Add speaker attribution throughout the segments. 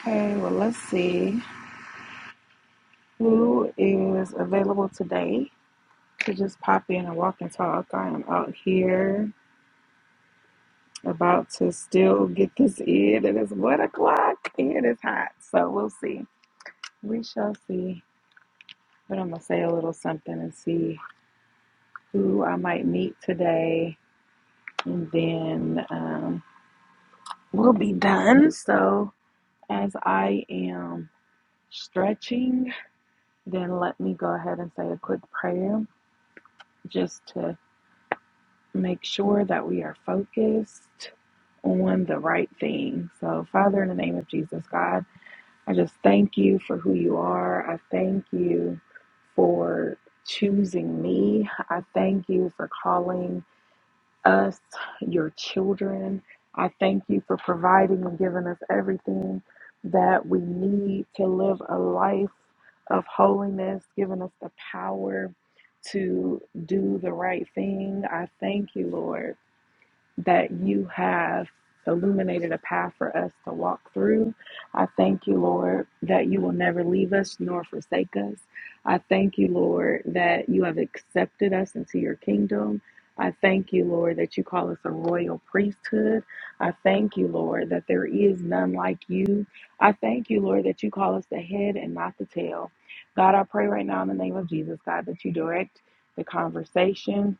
Speaker 1: Okay, well, let's see who is available today to just pop in and walk and talk. I am out here about to still get this in. It is one o'clock and it's hot, so we'll see. We shall see. But I'm gonna say a little something and see who I might meet today, and then um, we'll be done. So as I am stretching, then let me go ahead and say a quick prayer just to make sure that we are focused on the right thing. So, Father, in the name of Jesus, God, I just thank you for who you are. I thank you for choosing me. I thank you for calling us your children. I thank you for providing and giving us everything that we need to live a life of holiness, giving us the power to do the right thing. I thank you, Lord that you have illuminated a path for us to walk through. I thank you, Lord, that you will never leave us nor forsake us. I thank you, Lord, that you have accepted us into your kingdom. I thank you, Lord, that you call us a royal priesthood. I thank you, Lord, that there is none like you. I thank you, Lord, that you call us the head and not the tail. God, I pray right now in the name of Jesus, God, that you direct the conversation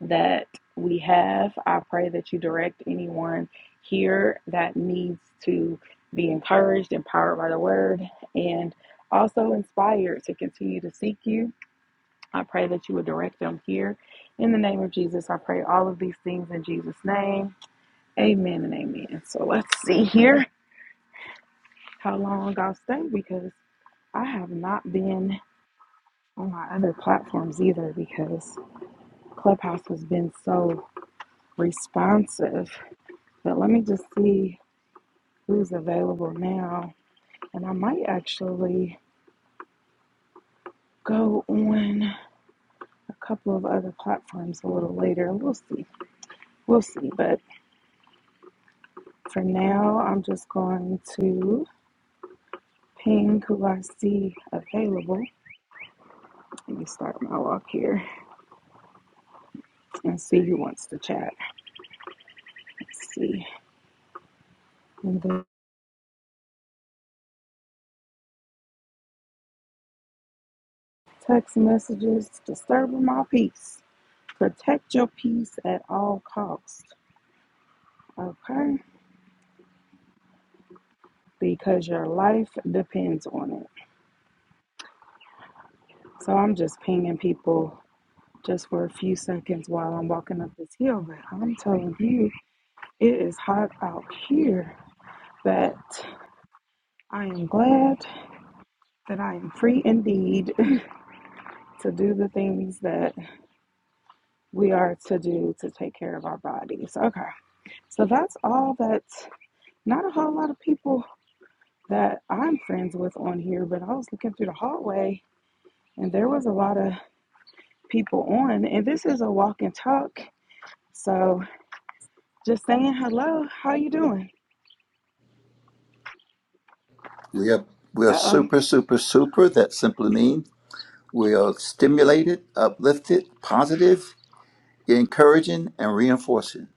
Speaker 1: that we have. I pray that you direct anyone here that needs to be encouraged, empowered by the word, and also inspired to continue to seek you. I pray that you would direct them here. In the name of Jesus, I pray all of these things in Jesus' name. Amen and amen. So let's see here how long I'll stay because I have not been on my other platforms either because Clubhouse has been so responsive But let me just see who's available now. And I might actually go on a couple of other platforms a little later. We'll see. We'll see. But for now, I'm just going to ping who I see available. Let me start my walk here and see who wants to chat. Let's see. And then text messages disturbing my peace. Protect your peace at all costs. Okay? Because your life depends on it. So I'm just pinging people just for a few seconds while I'm walking up this hill. But I'm telling you, it is hot out here. But I am glad that I am free indeed to do the things that we are to do to take care of our bodies. Okay. So that's all that not a whole lot of people that I'm friends with on here, but I was looking through the hallway and there was a lot of people on. And this is a walk and talk. So Just saying hello. How you doing?
Speaker 2: We are we are
Speaker 1: Uh oh.
Speaker 2: super super super. That simply means we are stimulated, uplifted, positive, encouraging, and reinforcing.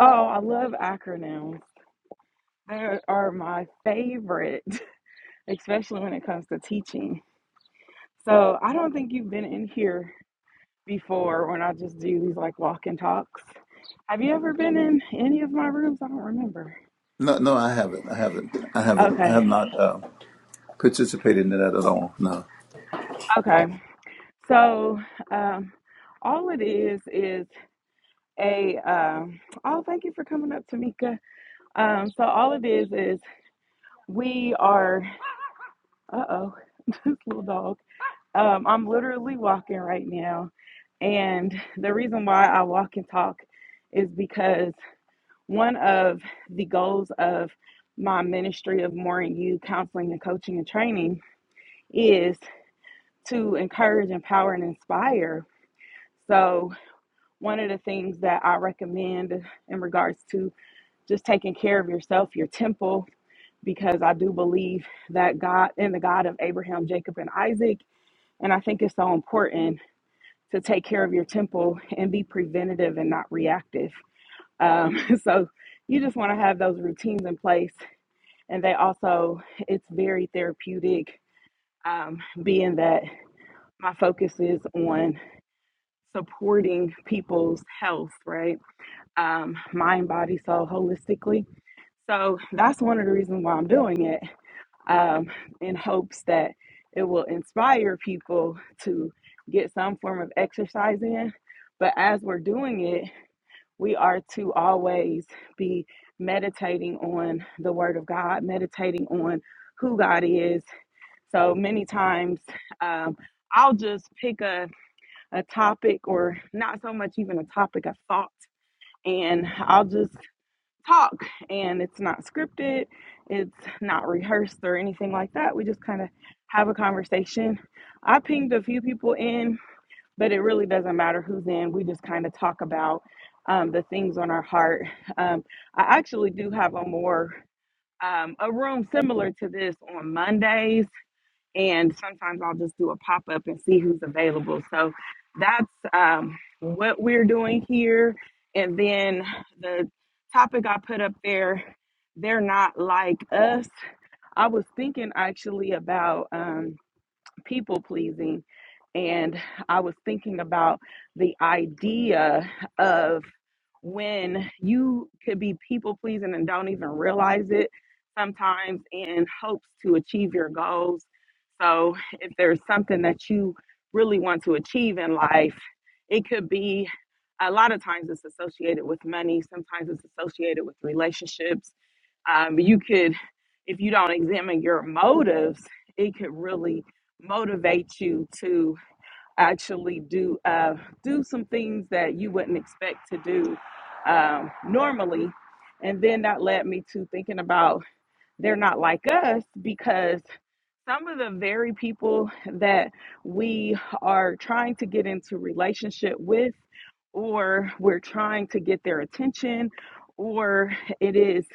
Speaker 1: Oh, I love acronyms. They are my favorite, especially when it comes to teaching. So I don't think you've been in here before when I just do these like walk and talks. Have you ever been in any of my rooms? I don't remember.
Speaker 2: No, no, I haven't. I haven't. I haven't. I
Speaker 1: Okay.
Speaker 2: have not uh, participated in that at all. No.
Speaker 1: Okay. So um, all it is is a. Um, oh, thank you for coming up, Tamika. Um, so all it is is we are. Uh oh, this little dog. Um, I'm literally walking right now. And the reason why I walk and talk is because one of the goals of my ministry of More and You counseling and coaching and training is to encourage, empower, and inspire. So, one of the things that I recommend in regards to just taking care of yourself, your temple, because I do believe that God in the God of Abraham, Jacob, and Isaac. And I think it's so important to take care of your temple and be preventative and not reactive. Um, so you just want to have those routines in place. And they also, it's very therapeutic, um, being that my focus is on supporting people's health, right? Um, mind, body, soul, holistically. So that's one of the reasons why I'm doing it. um, in hopes that it will inspire people to get some form of exercise in. But as we're doing it, we are to always be meditating on the Word of God, meditating on who God is. So many times, um, I'll just pick a, a topic, or not so much even a topic, a thought, and I'll just talk and it's not scripted, it's not rehearsed or anything like that. We just kind of have a conversation. I pinged a few people in, but it really doesn't matter who's in. We just kind of talk about um, the things on our heart. Um, I actually do have a more um, a room similar to this on Mondays and sometimes I'll just do a pop up and see who's available. So that's um, what we're doing here. And then the topic I put up there, they're not like us. I was thinking actually about um, people pleasing. And I was thinking about the idea of when you could be people pleasing and don't even realize it sometimes in hopes to achieve your goals. So, if there's something that you really want to achieve in life, it could be a lot of times it's associated with money, sometimes it's associated with relationships um, you could if you don't examine your motives it could really motivate you to actually do uh, do some things that you wouldn't expect to do um, normally and then that led me to thinking about they're not like us because some of the very people that we are trying to get into relationship with or we're trying to get their attention or it is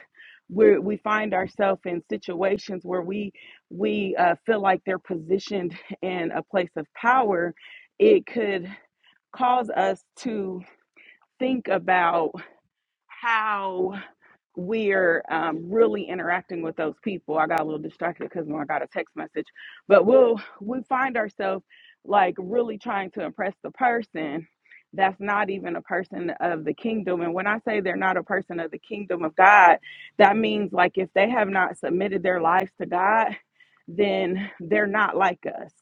Speaker 1: where we find ourselves in situations where we we uh, feel like they're positioned in a place of power it could cause us to think about how we're um, really interacting with those people. I got a little distracted because I got a text message, but we'll we find ourselves like really trying to impress the person that's not even a person of the kingdom. And when I say they're not a person of the kingdom of God, that means like if they have not submitted their lives to God, then they're not like us.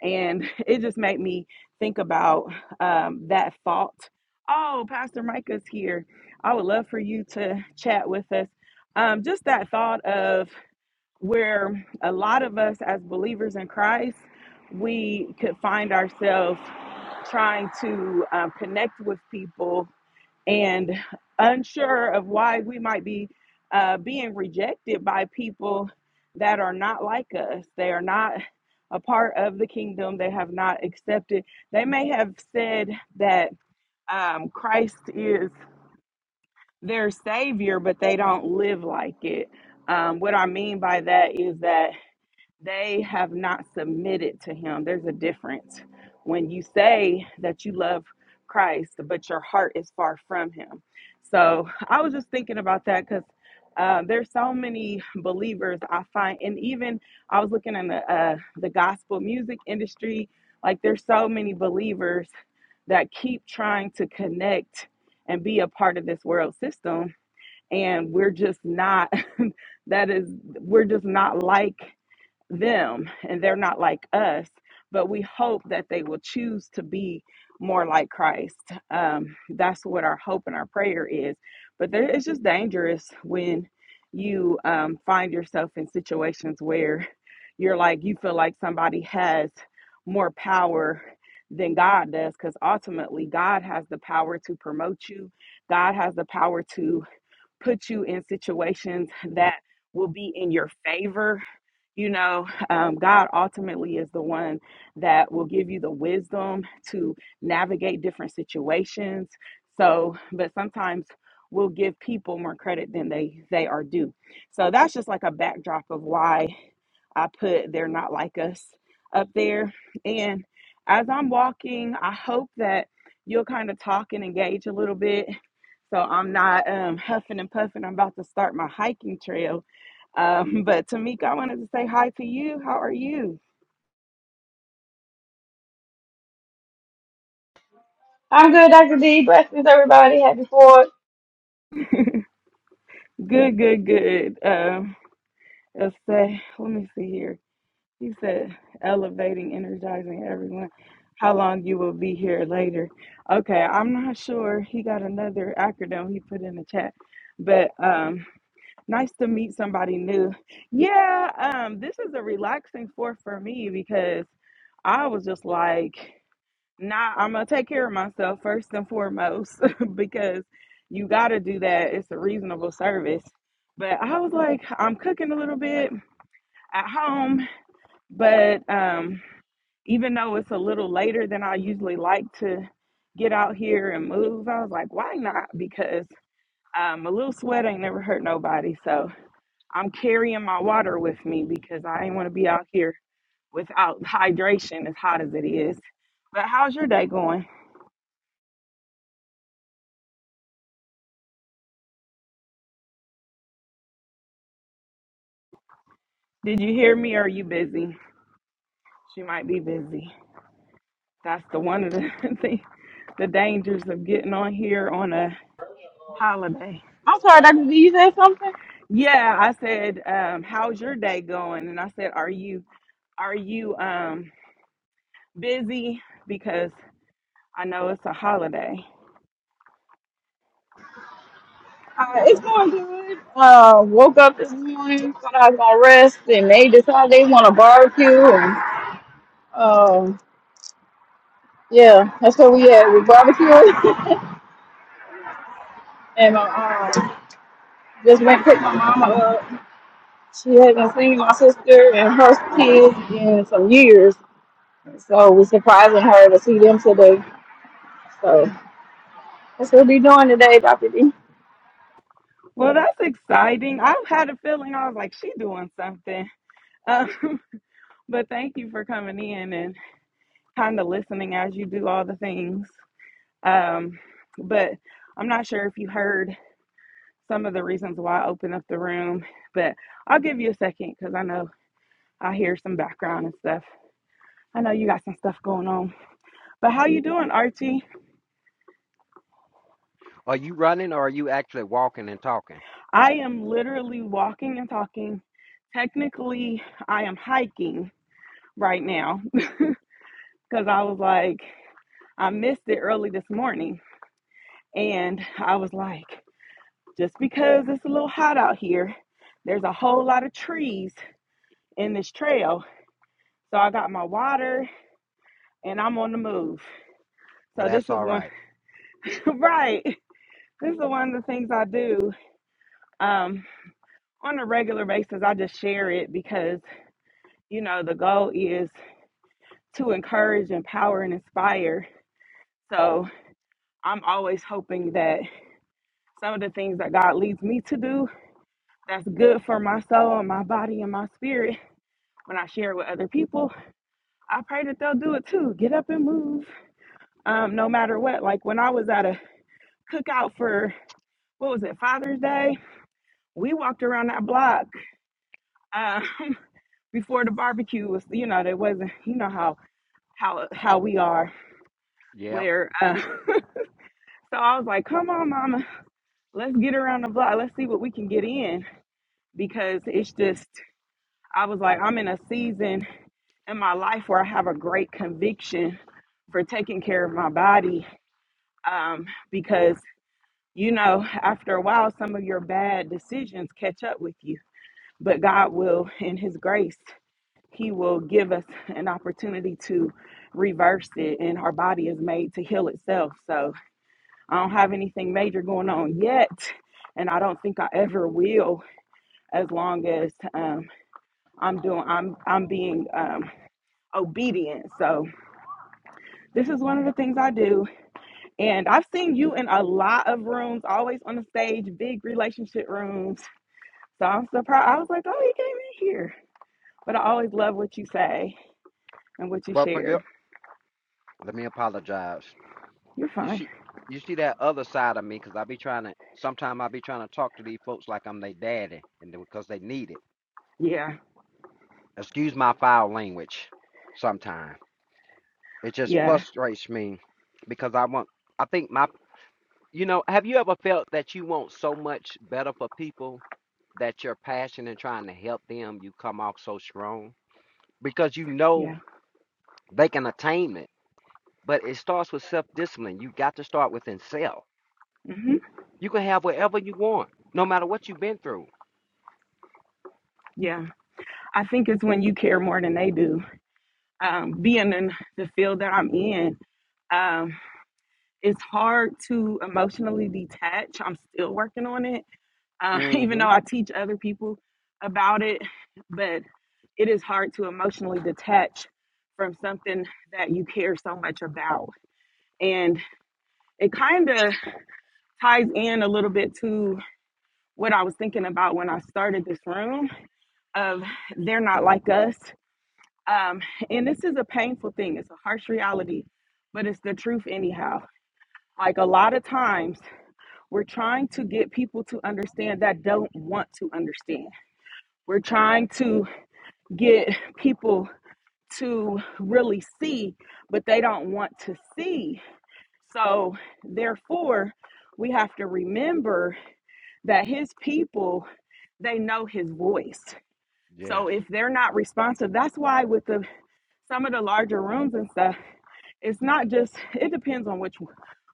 Speaker 1: And it just made me think about um, that fault. Oh, Pastor Micah's here I would love for you to chat with us. Um, just that thought of where a lot of us as believers in Christ, we could find ourselves trying to um, connect with people and unsure of why we might be uh, being rejected by people that are not like us. They are not a part of the kingdom. They have not accepted. They may have said that um, Christ is their savior, but they don't live like it. Um, what I mean by that is that they have not submitted to him. There's a difference when you say that you love Christ, but your heart is far from him. So I was just thinking about that because. Uh, there's so many believers I find, and even I was looking in the uh, the gospel music industry. Like there's so many believers that keep trying to connect and be a part of this world system, and we're just not that is we're just not like them and they're not like us but we hope that they will choose to be more like christ um, that's what our hope and our prayer is but there, it's just dangerous when you um, find yourself in situations where you're like you feel like somebody has more power than god does because ultimately god has the power to promote you god has the power to put you in situations that will be in your favor you know, um, God ultimately is the one that will give you the wisdom to navigate different situations. So, but sometimes we'll give people more credit than they they are due. So that's just like a backdrop of why I put they're not like us up there. And as I'm walking, I hope that you'll kind of talk and engage a little bit. So I'm not um, huffing and puffing. I'm about to start my hiking trail um, but Tamika, I wanted to say hi to you. How are you?
Speaker 3: I'm good, Dr. D. Blessings, everybody. Happy 4th.
Speaker 1: Good, good, good. Um, let's say, let me see here. He said, elevating, energizing everyone. How long you will be here later? Okay, I'm not sure. He got another acronym he put in the chat, but um, nice to meet somebody new. Yeah, um, this is a relaxing fourth for me because I was just like. Nah, I'm gonna take care of myself first and foremost because you gotta do that. It's a reasonable service. But I was like, I'm cooking a little bit at home, but um, even though it's a little later than I usually like to get out here and move, I was like, why not? Because um, a little sweat ain't never hurt nobody. So I'm carrying my water with me because I ain't want to be out here without hydration as hot as it is. But how's your day going? Did you hear me or are you busy? She might be busy. That's the one of the the, the dangers of getting on here on a holiday.
Speaker 3: I'm sorry, Dr. D, you said something?
Speaker 1: Yeah, I said, um, how's your day going? And I said, are you are you um busy because I know it's a holiday.
Speaker 3: Uh, it's going good. Uh, woke up this morning, thought I was going to rest, and they decided they want to barbecue. And, uh, yeah, that's what we had. We barbecued. and my, um, just went and picked my mama up. She had been seeing my sister and her kids in some years. So we're surprising her to see them today. So that's what we doing today, Dr. D.
Speaker 1: Well, that's exciting. I had a feeling I was like, she doing something. Um, but thank you for coming in and kind of listening as you do all the things. Um, but I'm not sure if you heard. some of the reasons why I open up the room, but I'll give you a second because I know I hear some background and stuff. I know you got some stuff going on. But how you doing, Archie?
Speaker 4: Are you running or are you actually walking and talking?
Speaker 1: I am literally walking and talking. Technically, I am hiking right now because I was like, I missed it early this morning. And I was like, just because it's a little hot out here, there's a whole lot of trees in this trail. So I got my water and I'm on the move.
Speaker 4: Well,
Speaker 1: So this
Speaker 4: that's
Speaker 1: is
Speaker 4: all
Speaker 1: one,
Speaker 4: right.
Speaker 1: right? This is one of the things I do um, on a regular basis. I just share it because you know the goal is to encourage, empower, and inspire. So I'm always hoping that some of the things that God leads me to do that's good for my soul and my body and my spirit. When I share with other people, I pray that they'll do it too. Get up and move, um, no matter what. Like when I was at a cookout for what was it Father's Day, we walked around that block. Um, before the barbecue was you know there wasn't you know how how how we are
Speaker 4: Yeah,
Speaker 1: where uh so i was like come on mama let's get around the block let's see what we can get in because it's just i was like i'm in a season in my life where i have a great conviction for taking care of my body um because you know after a while some of your bad decisions catch up with you but god will in his grace He will give us an opportunity to reverse it, and our body is made to heal itself. So I don't have anything major going on yet, and I don't think I ever will, as long as um, I'm doing, I'm I'm being um, obedient. So this is one of the things I do, and I've seen you in a lot of rooms, always on the stage, big relationship rooms. So I'm surprised. I was like, oh, he came in here. But I always love what you say and what you
Speaker 4: but forget.
Speaker 1: share.
Speaker 4: Let me apologize.
Speaker 1: You're
Speaker 4: You
Speaker 1: fine.
Speaker 4: see, you see that other side of me because I be trying to. Sometimes I be trying to talk to these folks like I'm their daddy, and because they need it.
Speaker 1: Yeah.
Speaker 4: Excuse my foul language. Sometimes it just
Speaker 1: Yeah,
Speaker 4: frustrates me because I want. I think my. You know, have you ever felt that you want so much better for people that your passion and trying to help them, you come off so strong because you know
Speaker 1: yeah,
Speaker 4: they can attain it. But it starts with self discipline. You got to start within self.
Speaker 1: hmm
Speaker 4: You can have whatever you want, no matter what you've been through.
Speaker 1: yeah. I think it's when you care more than they do. Um, being in the field that I'm in, um, it's hard to emotionally detach. I'm still working on it, uh, even
Speaker 4: Mm-hmm.
Speaker 1: though I teach other people about it. But it is hard to emotionally detach from something that you care so much about. And it kind of ties in a little bit to what I was thinking about when I started this room of they're not like us. Um, and this is a painful thing, it's a harsh reality, but it's the truth, anyhow. Like a lot of times, we're trying to get people to understand that don't want to understand. We're trying to get people to really see, but they don't want to see. So, therefore, we have to remember that his people, they know his voice. So,
Speaker 4: Yes.
Speaker 1: if they're not responsive, that's why with the some of the larger rooms and stuff, it's not just it depends on which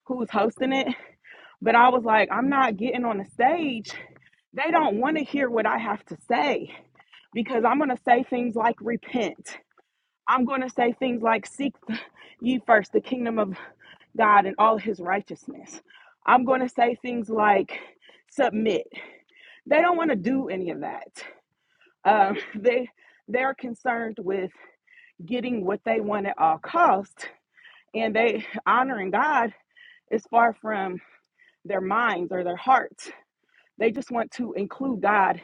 Speaker 1: who's hosting it but i was like i'm not getting on the stage they don't want to hear what i have to say because i'm going to say things like repent i'm going to say things like seek ye first the kingdom of god and all his righteousness i'm going to say things like submit they don't want to do any of that um, they they're concerned with getting what they want at all cost and they honoring god is far from their minds or their hearts. They just want to include God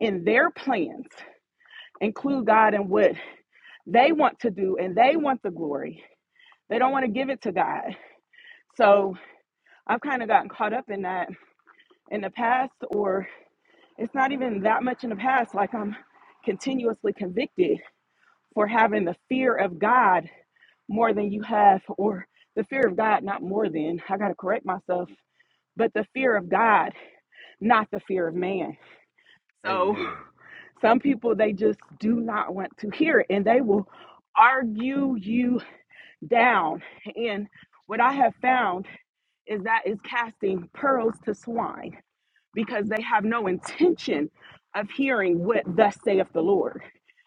Speaker 1: in their plans, include God in what they want to do, and they want the glory. They don't want to give it to God. So I've kind of gotten caught up in that in the past, or it's not even that much in the past. Like I'm continuously convicted for having the fear of God more than you have, or the fear of God, not more than. I got to correct myself, but the fear of God, not the fear of man. So
Speaker 4: Amen.
Speaker 1: Some people, they just do not want to hear it and they will argue you down. And what I have found is that is casting pearls to swine because they have no intention of hearing what thus saith the Lord.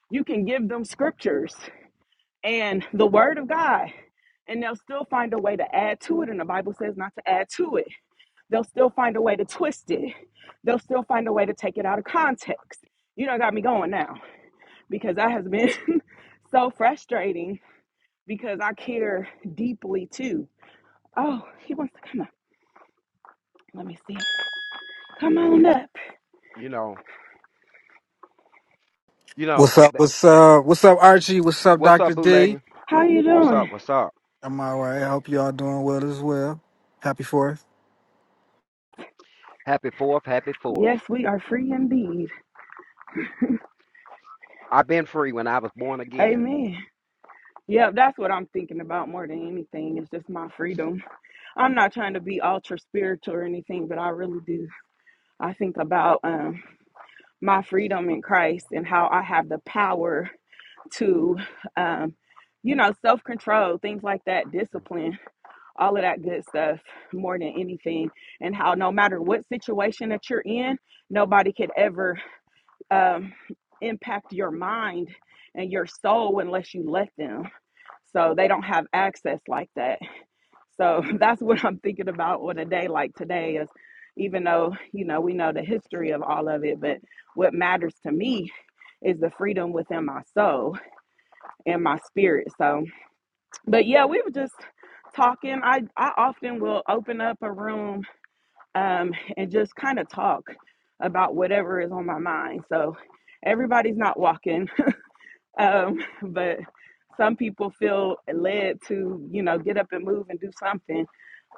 Speaker 1: You can give them scriptures and the word of God, and they'll still find a way to add to it. And the Bible says not to add to it. They'll still find a way to twist it. They'll still find a way to take it out of context. You don't got me going now because that has been so frustrating because I care deeply too. Oh, he wants to come up. Let me see. Come
Speaker 4: And
Speaker 1: on
Speaker 4: you know,
Speaker 1: up.
Speaker 4: you know, you know.
Speaker 5: What's up?
Speaker 4: th-
Speaker 5: What's up? What's up, Archie? What's up,
Speaker 4: What's up,
Speaker 5: Doctor D?
Speaker 4: bootlegging?
Speaker 1: How you
Speaker 4: What's
Speaker 1: doing?
Speaker 4: up? What's up?
Speaker 5: I'm all right. I hope y'all doing well as well. Happy Fourth.
Speaker 4: Happy Fourth. Happy Fourth.
Speaker 1: Yes, we are free indeed.
Speaker 4: I've been free when I was born again.
Speaker 1: Amen. Yep, that's what I'm thinking about more than anything. It's just my freedom. I'm not trying to be ultra spiritual or anything, but I really do. I think about um, my freedom in Christ and how I have the power to, um, you know, self control, things like that,
Speaker 4: Mm,
Speaker 1: discipline all of that good stuff more than anything and how no matter what situation that you're in nobody could ever um, impact your mind and your soul unless you let them so they don't have access like that so that's what i'm thinking about on a day like today is even though you know we know the history of all of it but what matters to me is the freedom within my soul and my spirit so but yeah, we were just talking. I I often will open up a room um, and just kind of talk about whatever is on my mind. So everybody's not walking, um, but some people feel led to you know get up and move and do something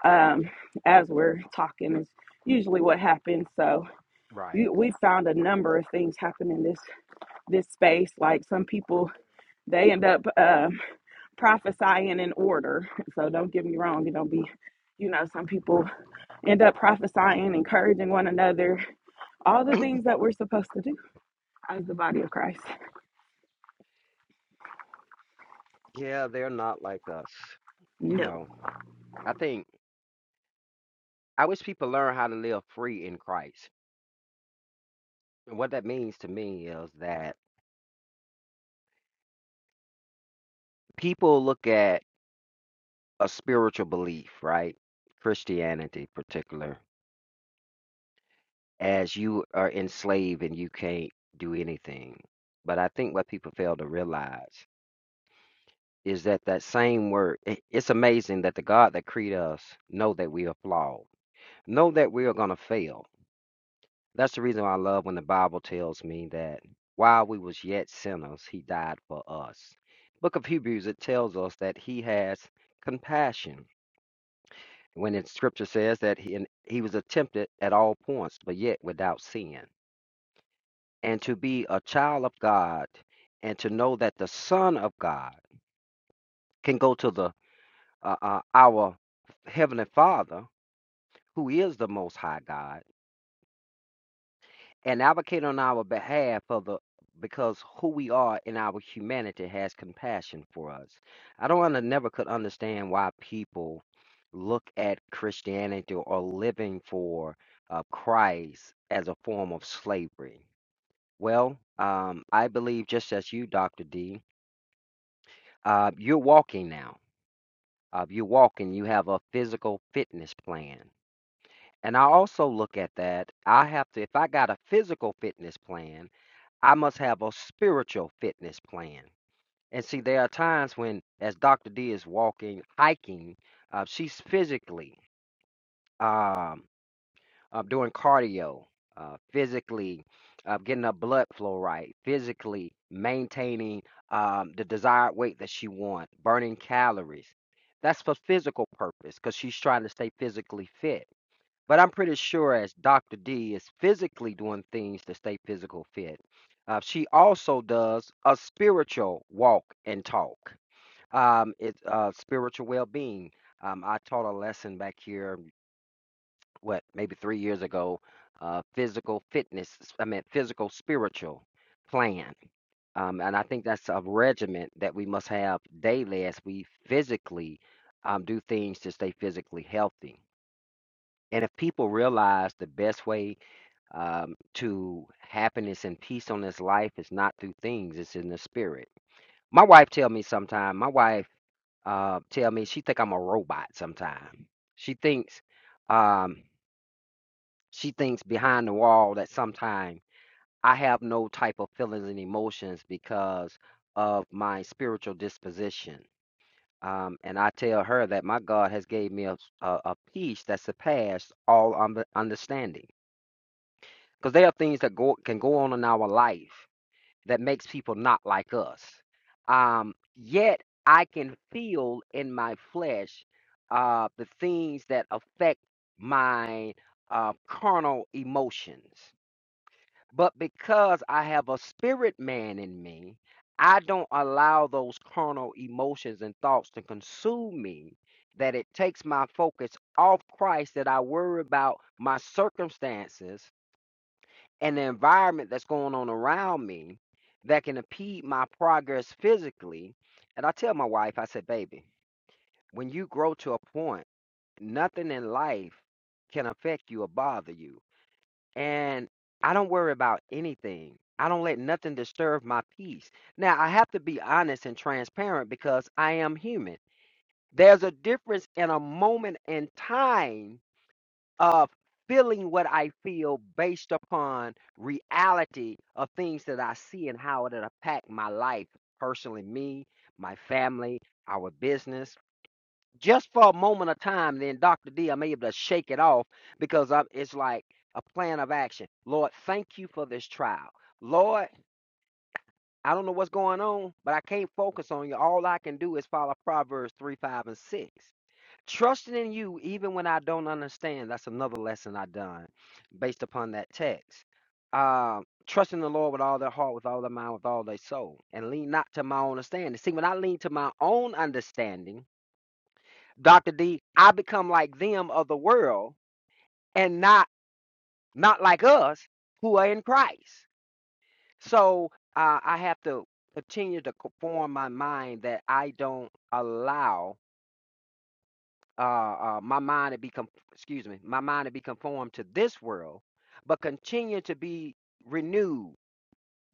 Speaker 1: um, as we're talking is usually what happens. So
Speaker 4: Right.
Speaker 1: you, we found a number of things happen in this this space. Like some people they end up. uh, prophesying in order. So don't get me wrong, it don't be, you know, some people end up prophesying, encouraging one another, all the things that we're supposed to do as the body of Christ.
Speaker 4: Yeah, they're not like us. You
Speaker 1: No.
Speaker 4: know, I think I wish people learn how to live free in Christ. And what that means to me is that people look at a spiritual belief, right? Christianity, in particular, as you are enslaved and you can't do anything. But I think what people fail to realize is that that same word. i- It's amazing that the God that created us know that we are flawed, know that we are gonna fail. That's the reason why I love when the Bible tells me that while we was yet sinners, He died for us. Book of Hebrews it tells us that He has compassion when in scripture says that he, and he was tempted at all points, but yet without sin. And to be a child of God and to know that the Son of God can go to the uh, uh, our Heavenly Father, who is the Most High God, and advocate on our behalf of the because who we are in our humanity has compassion for us. I don't wanna never could understand why people look at Christianity or living for uh, Christ as a form of slavery. Well, um, I believe just as you, Dr. D, uh, you're walking now. Uh, you're walking. You have a physical fitness plan. And I also look at that. I have to, if I got a physical fitness plan, I must have a spiritual fitness plan. And see, there are times when, as Dr. D is walking, hiking, uh, she's physically um, uh, doing cardio, uh, physically uh, getting her blood flow right, physically maintaining um, the desired weight that she wants, burning calories. That's for physical purpose because she's trying to stay physically fit but I'm pretty sure as Dr. D is physically doing things to stay physical fit, uh, she also does a spiritual walk and talk. Um, it's uh, spiritual well being. Um, I taught a lesson back here, what, maybe three years ago, uh, physical fitness, I mean, physical spiritual plan. Um, and I think that's a regimen that we must have daily as we physically um, do things to stay physically healthy. And if people realize the best way, um, to happiness and peace on this life is not through things it's in the spirit my wife tell me sometime my wife uh, tell me she think i'm a robot sometime she thinks um, she thinks behind the wall that sometime i have no type of feelings and emotions because of my spiritual disposition um, and i tell her that my god has gave me a a a peace that surpassed all under understanding because there are things that go, can go on in our life that makes people not like us. Um, yet I can feel in my flesh uh, the things that affect my uh, carnal emotions. But because I have a spirit man in me, I don't allow those carnal emotions and thoughts to consume me. That it takes my focus off Christ, that I worry about my circumstances and the environment that's going on around me that can impede my progress physically. And I tell my wife, I said, baby, when you grow to a point, nothing in life can affect you or bother you. And I don't worry about anything. I don't let nothing disturb my peace. Now, I have to be honest and transparent because I am human. There's a difference in a moment in time of feeling what I feel based upon reality of things that I see and how it impacts my life personally, me, my family, our business. Just for a moment of time, then Dr. D, I'm able to shake it off because I'm, it's like a plan of action. Lord, thank you for this trial. Lord, I don't know what's going on, but I can't focus on you. All I can do is follow Proverbs 3, 5, and 6. Trusting in you even when I don't understand. That's another lesson I done based upon that text. Uh, trusting the Lord with all their heart, with all their mind, with all their soul, and lean not to my own understanding. See, when I lean to my own understanding, Dr. D, I become like them of the world and not not like us who are in Christ. So uh, I have to continue to conform my mind that I don't allow uh, uh, my mind to be con- excuse me, my mind to be conformed to this world, but continue to be renewed,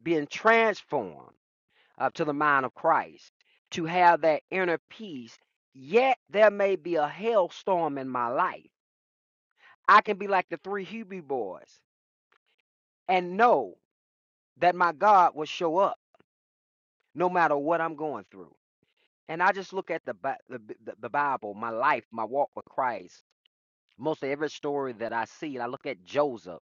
Speaker 4: being transformed uh, to the mind of Christ, to have that inner peace. Yet there may be a hailstorm in my life. I can be like the three Hebrew boys and know that my God will show up no matter what I'm going through. And I just look at the Bi- the, the the Bible, my life, my walk with Christ. Mostly every story that I see, and I look at Joseph.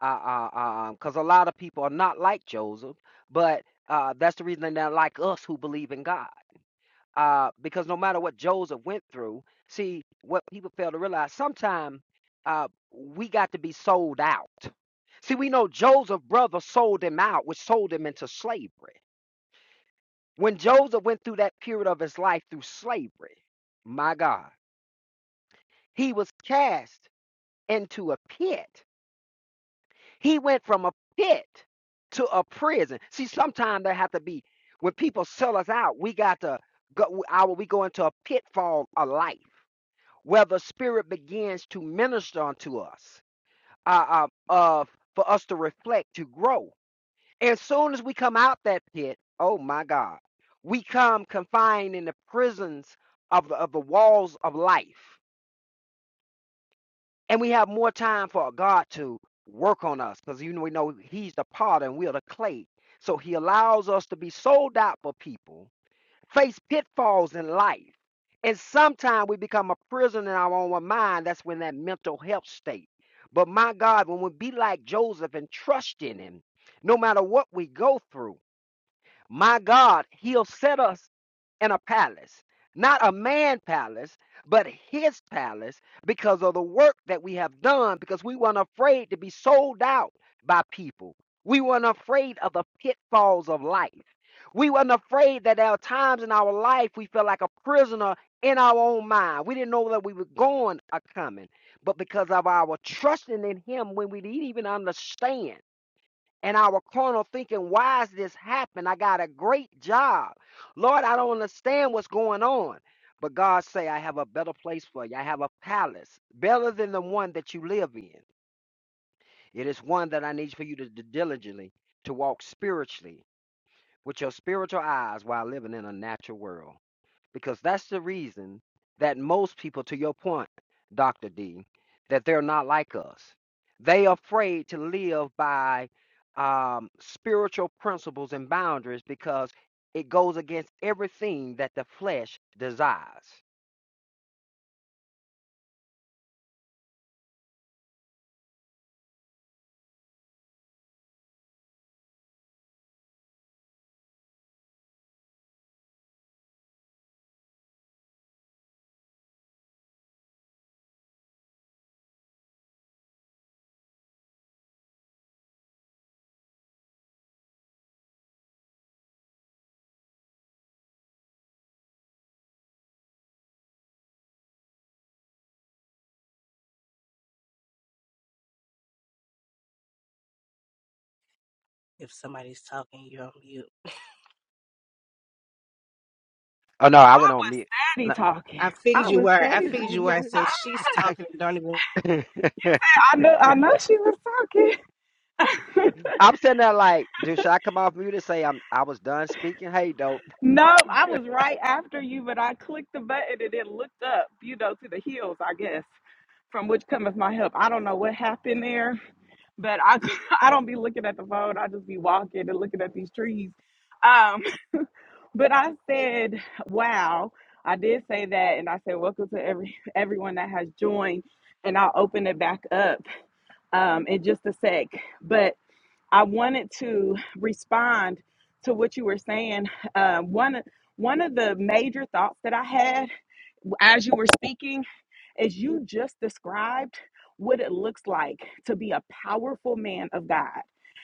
Speaker 4: uh, uh, um, because a lot of people are not like Joseph, but uh, that's the reason they're not like us who believe in God. Uh, because no matter what Joseph went through, see what people fail to realize. Sometimes uh, we got to be sold out. See, we know Joseph's brother sold him out, which sold him into slavery. When Joseph went through that period of his life through slavery, my God, he was cast into a pit He went from a pit to a prison. See, sometimes there have to be when people sell us out, we got to go our we go into a pitfall of life where the spirit begins to minister unto us, uh, uh, uh, for us to reflect, to grow. As soon as we come out that pit, oh my God, we come confined in the prisons of the, of the walls of life. and we have more time for God to work on us because you know we know He's the potter and we're the clay. So He allows us to be sold out for people, face pitfalls in life, and sometimes we become a prisoner in our own mind. That's when that mental health state. But my God, when we be like Joseph and trust in Him, no matter what we go through. My God, he'll set us in a palace, not a man palace, but his palace because of the work that we have done, because we weren't afraid to be sold out by people. We weren't afraid of the pitfalls of life. We weren't afraid that there are times in our life we felt like a prisoner in our own mind. We didn't know that we were going or coming. But because of our trusting in Him, when we didn't even understand and our carnal thinking, why is this happening? I got a great job. Lord, I don't understand what's going on. But God say, I have a better place for you. I have a palace better than the one that you live in. It is one that I need for you to d- diligently to walk spiritually with your spiritual eyes while living in a natural world because that's the reason that most people to your point dr d that they're not like us they afraid to live by um, spiritual principles and boundaries because it goes against everything that the flesh desires
Speaker 6: If somebody's talking, you're on mute.
Speaker 4: oh no i
Speaker 1: I
Speaker 4: went on
Speaker 1: was
Speaker 4: mute
Speaker 1: steady
Speaker 4: No.
Speaker 1: talking.
Speaker 6: I figured
Speaker 1: I
Speaker 6: you
Speaker 1: was
Speaker 6: were. I
Speaker 1: steady
Speaker 6: figured you were.
Speaker 1: talking.
Speaker 6: I said
Speaker 1: I,
Speaker 6: she's
Speaker 4: I-
Speaker 6: talking. and Don't even.
Speaker 1: I know I know she was talking.
Speaker 4: I'm sitting there like, dude, should I come off mute and say I'm I was done speaking? Hey, dope,
Speaker 1: No, I was right after you, but I clicked the button and then looked up, you know, to the hills, I guess, from which cometh my help. I don't know what happened there but I I don't be looking at the phone. I just be walking and looking at these trees. Um, but I said, "Wow!" I did say that, and I said, "Welcome to every everyone that has joined." And I'll open it back up um, in just a sec. But I wanted to respond to what you were saying. Um, one one of the major thoughts that I had as you were speaking as you just described what it looks like to be a powerful man of God.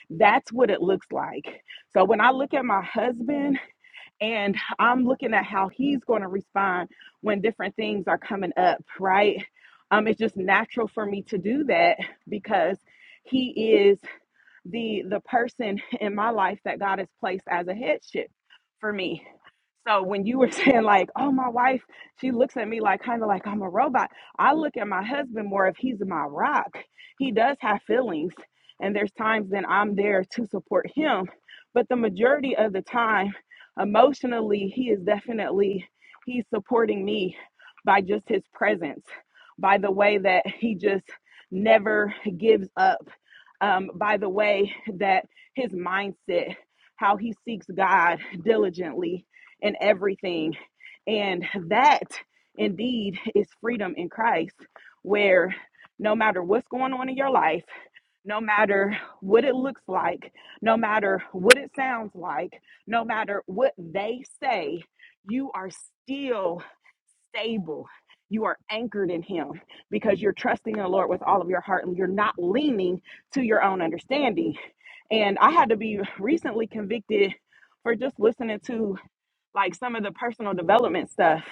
Speaker 1: That's what it looks like. So when I look at my husband and I'm looking at how he's going to respond when different things are coming up, right? Um, it's just natural for me to do that because he is the the person in my life that God has placed as a headship for me. So when you were saying like, oh my wife, she looks at me like kind of like I'm a robot. I look at my husband more if he's my rock. He does have feelings and there's times that I'm there to support him, but the majority of the time emotionally he is definitely he's supporting me by just his presence, by the way that he just never gives up um, by the way that his mindset, how he seeks God diligently in everything. And that indeed is freedom in Christ, where no matter what's going on in your life, no matter what it looks like, no matter what it sounds like, no matter what they say, you are still stable. You are anchored in Him because you're trusting in the Lord with all of your heart and you're not leaning to your own understanding. And I had to be recently convicted for just listening to like some of the personal development stuff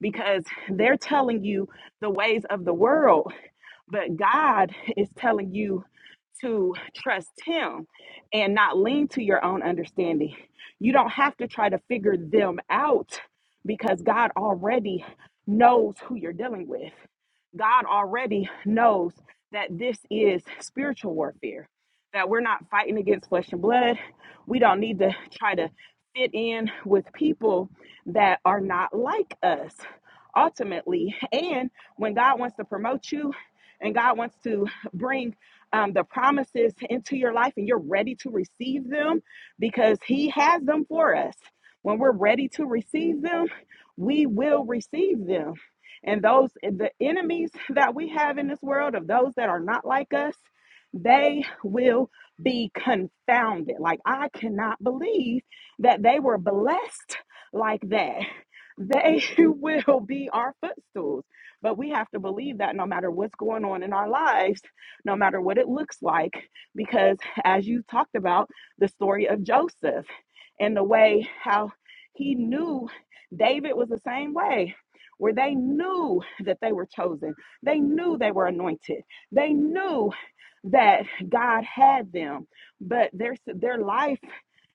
Speaker 1: because they're telling you the ways of the world but God is telling you to trust Him and not lean to your own understanding. You don't have to try to figure them out because God already knows who you're dealing with. God already knows that this is spiritual warfare, that we're not fighting against flesh and blood. We don't need to try to fit in with people that are not like us ultimately. And when God wants to promote you, and God wants to bring um, the promises into your life and you're ready to receive them because He has them for us. When we're ready to receive them, we will receive them. And those, the enemies that we have in this world, of those that are not like us, they will be confounded. Like, I cannot believe that they were blessed like that. They will be our footstools. But we have to believe that no matter what's going on in our lives, no matter what it looks like, because as you talked about the story of Joseph and the way how he knew David was the same way. Where they knew that they were chosen. They knew they were anointed. They knew that God had them, but their their life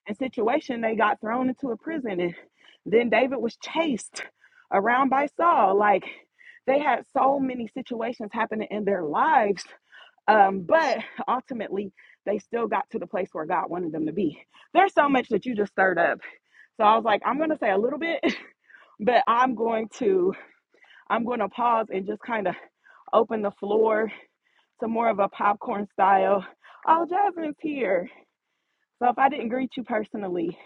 Speaker 1: and situation they got thrown into a prison, and then David was chased around by Saul. Like they had so many situations happening in their lives, um, but ultimately they still got to the place where God wanted them to be. There's so much that you just stirred up. So I was like, I'm gonna say a little bit, but I'm going to I'm going to pause and just kind of open the floor so more of a popcorn style. Oh, Jasmine's here. So if I didn't greet you personally,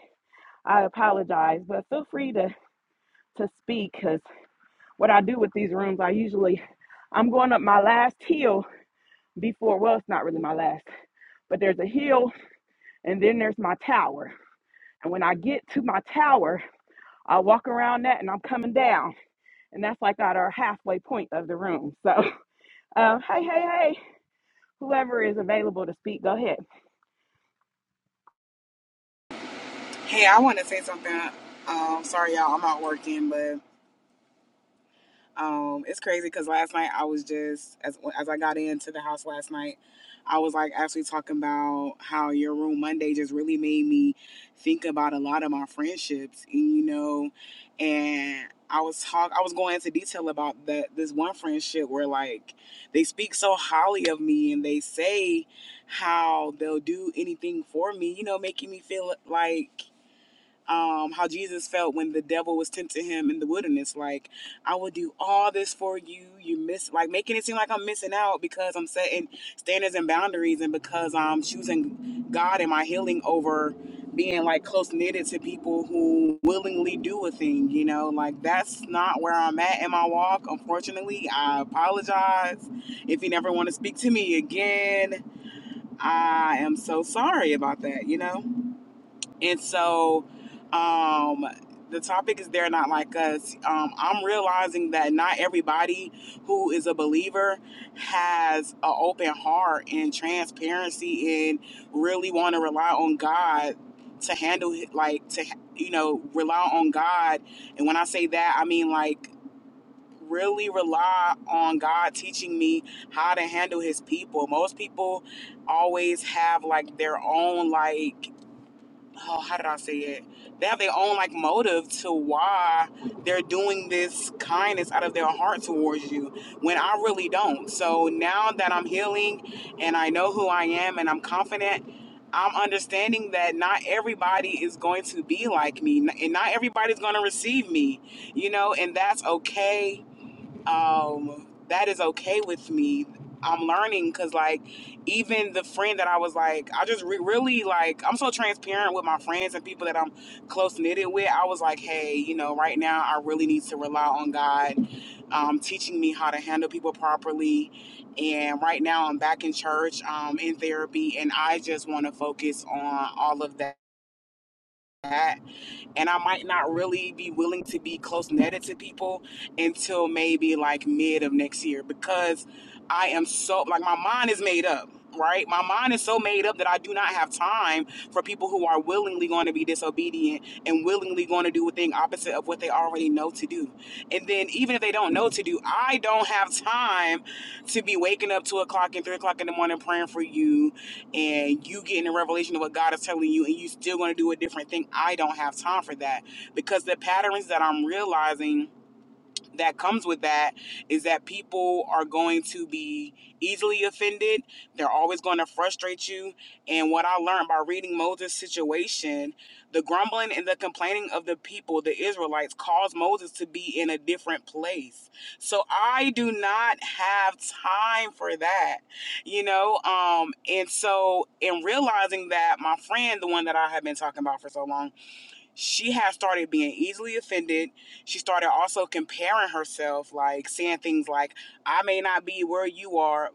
Speaker 1: I apologize. But feel free to to speak because what I do with these rooms, I usually I'm going up my last hill before. Well, it's not really my last, but there's a hill and then there's my tower. And when I get to my tower, I walk around that and I'm coming down. And that's like at our halfway point of the room. So, um, hey, hey, hey, whoever is available to speak, go ahead.
Speaker 7: Hey, I want to say something. Um, sorry, y'all, I'm out working, but um, it's crazy because last night I was just as as I got into the house last night, I was like actually talking about how your room Monday just really made me think about a lot of my friendships, and you know, and I was talk I was going into detail about that this one friendship where like they speak so highly of me and they say how they'll do anything for me, you know, making me feel like um, how Jesus felt when the devil was tempting him in the wilderness. Like, I will do all this for you. You miss, like, making it seem like I'm missing out because I'm setting standards and boundaries and because I'm choosing God and my healing over being like close knitted to people who willingly do a thing, you know? Like, that's not where I'm at in my walk. Unfortunately, I apologize. If you never want to speak to me again, I am so sorry about that, you know? And so um, the topic is They're Not Like Us. Um, I'm realizing that not everybody who is a believer has an open heart and transparency and really want to rely on God to handle, like, to, you know, rely on God. And when I say that, I mean, like, really rely on God teaching me how to handle his people. Most people always have like their own like oh, how did I say it? They have their own like motive to why they're doing this kindness out of their heart towards you when I really don't. So now that I'm healing and I know who I am and I'm confident, I'm understanding that not everybody is going to be like me n- and not everybody's going to receive me, you know, and that's okay um, that is okay with me. I'm learning because, like, even the friend that I was like, I just re- really like, I'm so transparent with my friends and people that I'm close knitted with. I was like, hey, you know, right now I really need to rely on God um, teaching me how to handle people properly. And right now I'm back in church, um, in therapy, and I just want to focus on all of that and I might not really be willing to be close netted to people until maybe like mid of next year because I am so like my mind is made up. Right, my mind is so made up that I do not have time for people who are willingly going to be disobedient and willingly going to do a thing opposite of what they already know to do. And then, even if they don't know to do, I don't have time to be waking up two o'clock and three o'clock in the morning praying for you and you getting a revelation of what God is telling you, and you still going to do a different thing. I don't have time for that because the patterns that I'm realizing that comes with that is that people are going to be easily offended. They're always going to frustrate you. And what I learned by reading Moses' situation, the grumbling and the complaining of the people, the Israelites, caused Moses to be in a different place. So I do not have time for that, you know? Um, and so, in realizing that my friend, the one that I have been talking about for so long, she has started being easily offended. She started also comparing herself, like saying things like, I may not be where you are,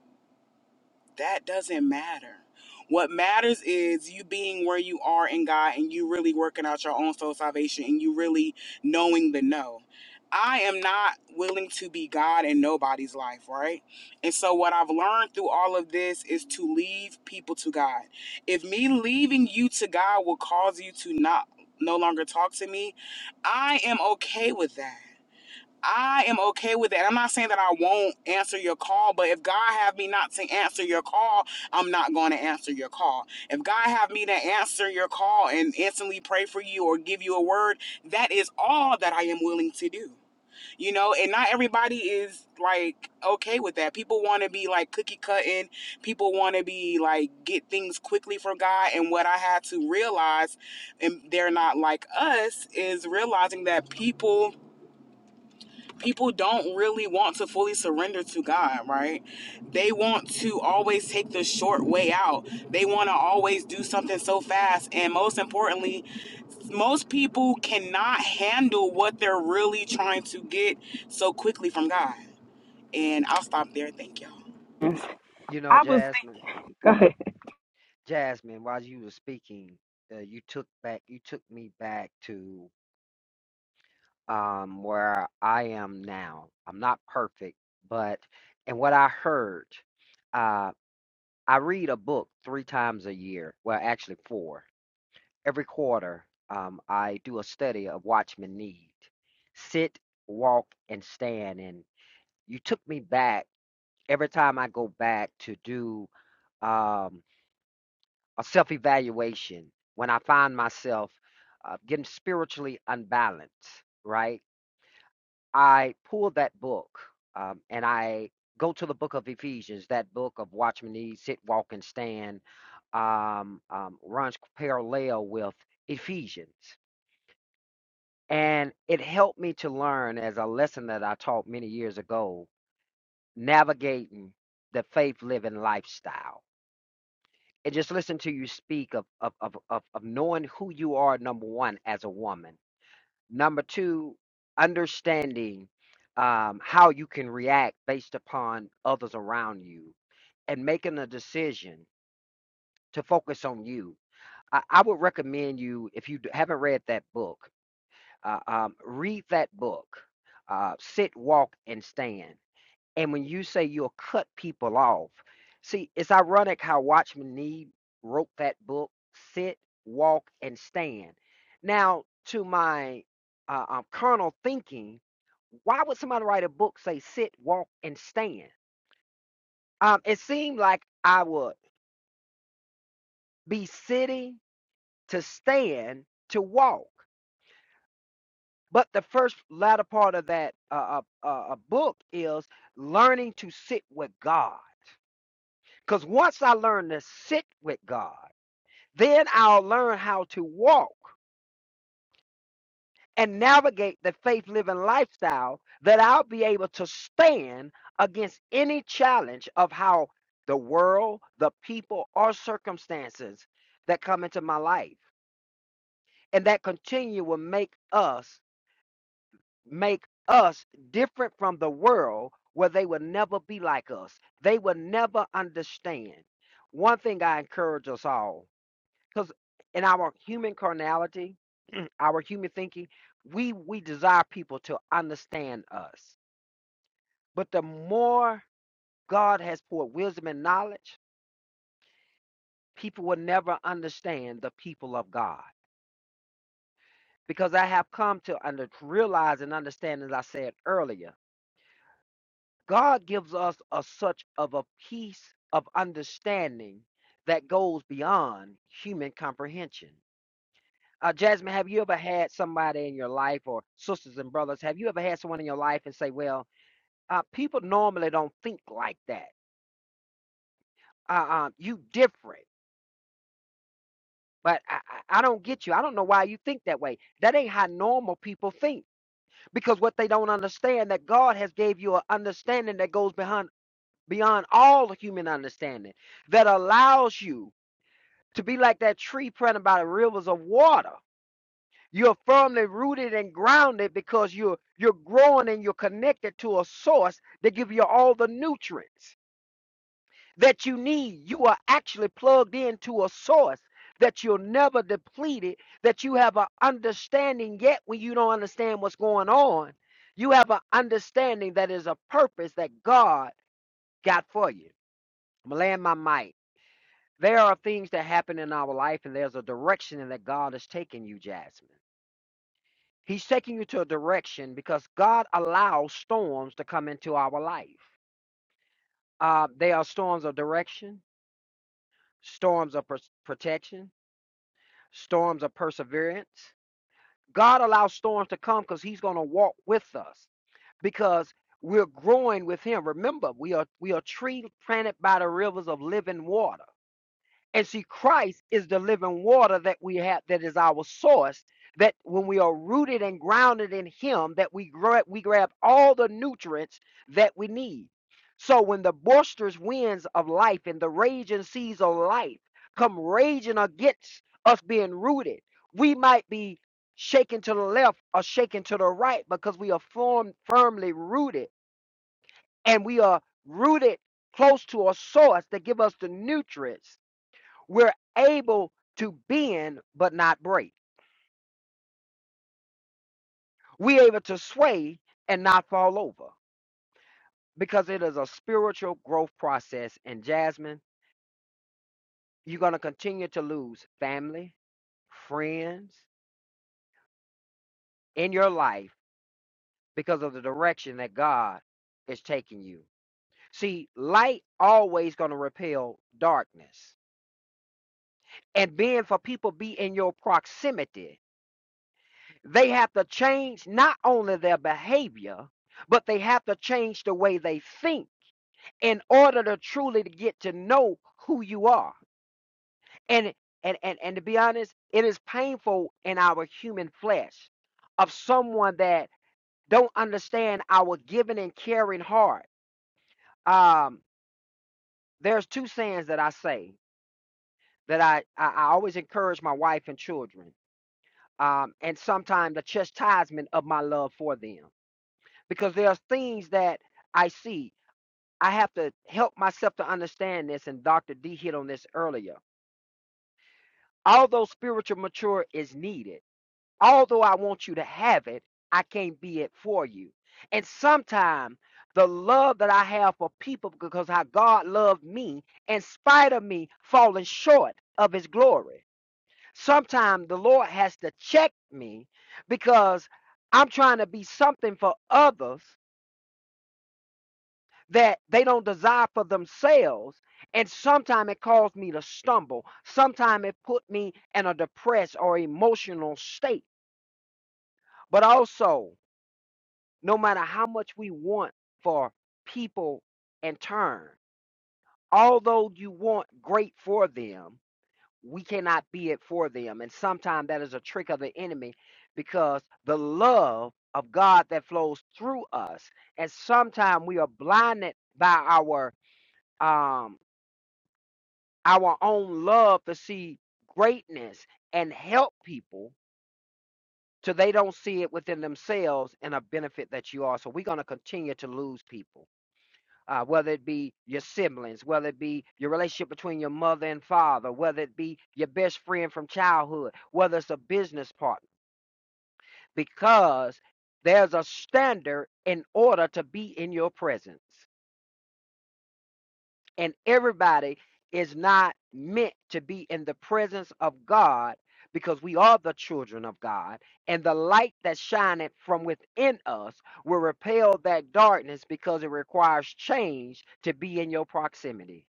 Speaker 7: that doesn't matter. What matters is you being where you are in God and you really working out your own soul salvation and you really knowing the no. I am not willing to be God in nobody's life, right? And so, what I've learned through all of this is to leave people to God. If me leaving you to God will cause you to not no longer talk to me, I am okay with that. I am okay with that. I'm not saying that I won't answer your call, but if God have me not to answer your call, I'm not going to answer your call. If God have me to answer your call and instantly pray for you or give you a word, that is all that I am willing to do. You know, and not everybody is like okay with that. People want to be like cookie cutting. People want to be like get things quickly from God. And what I had to realize, and they're not like us, is realizing that people people don't really want to fully surrender to God, right? They want to always take the short way out. They want to always do something so fast. And most importantly, most people cannot handle what they're really trying to get so quickly from God. And I'll stop there. Thank y'all.
Speaker 1: Yes.
Speaker 4: you know,
Speaker 1: I was
Speaker 4: Jasmine.
Speaker 1: thinking, go ahead.
Speaker 4: Jasmine, while you were speaking, uh, you took back you took me back to um where I am now. I'm not perfect, but and what I heard, uh, I read a book three times a year. Well, actually four. Every quarter, um, I do a study of Watchman Need. Sit, walk, and stand. And you took me back every time I go back to do. Um, a self evaluation when I find myself uh, getting spiritually unbalanced, right? I pull that book um, and I go to the book of Ephesians, that book of Watchmen Need, Sit, Walk, and Stand, um, um, runs parallel with Ephesians. And it helped me to learn as a lesson that I taught many years ago navigating the faith living lifestyle and just listen to you speak of of of of, of knowing who you are number one as a woman number two understanding um, how you can react based upon others around you and making a decision to focus on you i, I would recommend you if you d- haven't read that book uh, um, read that book uh, sit walk and stand and when you say you'll cut people off, see, it's ironic how Watchman Nee wrote that book, Sit, Walk, and Stand. Now, to my uh, um, carnal thinking, why would somebody write a book say sit, walk, and stand? Um, it seemed like I would be sitting to stand to walk. But the first latter part of that uh, uh, uh, uh, book is learning to sit with God. Because once I learn to sit with God, then I'll learn how to walk and navigate the faith living lifestyle that I'll be able to stand against any challenge of how the world, the people, or circumstances that come into my life. And that continue will make us make us different from the world where they will never be like us. They will never understand. One thing I encourage us all because in our human carnality, our human thinking, we we desire people to understand us. But the more God has poured wisdom and knowledge, people will never understand the people of God. Because I have come to under, realize and understand, as I said earlier, God gives us a such of a peace of understanding that goes beyond human comprehension. Uh, Jasmine, have you ever had somebody in your life or sisters and brothers? Have you ever had someone in your life and say, well, uh, people normally don't think like that. Uh, um, you different, but I, I, I don't get you. I don't know why you think that way. That ain't how normal people think because what they don't understand that God has gave you an understanding that goes behind beyond all human understanding that allows you to be like that tree planted by the rivers of water You're firmly rooted and grounded because you're you're growing and you're connected to a source that gives you all the nutrients that you need. You are actually plugged into a source that you'll never deplete it, that you have an understanding yet when you don't understand what's going on. You have an understanding that is a purpose that God got for you. I'm gonna land my mic. There are things that happen in our life, and there's a direction that God has taken you, Jasmine. He's taking you to a direction because God allows storms to come into our life. Uh, they are storms of direction, storms of pers- protection, storms of perseverance. God allows storms to come because He's going to walk with us because we're growing with Him. Remember, we are we are tree planted by the rivers of living water. And see, Christ is the living water that we have, that is our source. That when we are rooted and grounded in Him, that we grab, we grab all the nutrients that we need. So when the boisterous winds of life and the raging seas of life come raging against us being rooted, we might be shaken to the left or shaken to the right because we are formed firmly rooted and we are rooted close to a source that give us the nutrients we're able to bend but not break. We're able to sway and not fall over because it is a spiritual growth process. And Jasmine, you're going to continue to lose family, friends in your life because of the direction that God is taking you. See, light always going to repel darkness. And being for people be in your proximity They have to change not only their behavior, but they have to change the way they think in order to truly to get to know who you are. And and and, and to be honest, it is painful in our human flesh of someone that don't understand our giving and caring heart. Um, there's two sayings that I say that I, I, I always encourage my wife and children, um, and sometimes the chastisement of my love for them. because there are things that I see. I have to help myself to understand this, and Dr. D hit on this earlier. Although spiritual mature is needed, although I want you to have it, I can't be it for you. And sometimes the love that I have for people because how God loved me in spite of me falling short of his glory. Sometimes the Lord has to check me because I'm trying to be something for others that they don't desire for themselves. And sometimes it caused me to stumble. Sometimes it put me in a depressed or emotional state. But also, no matter how much we want for people in turn, although you want great for them, we cannot be it for them. And sometimes that is a trick of the enemy because the love of God that flows through us, and sometimes we are blinded by our um our own love to see greatness and help people till they don't see it within themselves and a benefit that you are. So we're going to continue to lose people, uh, whether it be your siblings, whether it be your relationship between your mother and father, whether it be your best friend from childhood, whether it's a business partner, because there's a standard in order to be in your presence. and everybody is not meant to be in the presence of God because we are the children of God, and the light that shineth from within us will repel that darkness because it requires change to be in your proximity.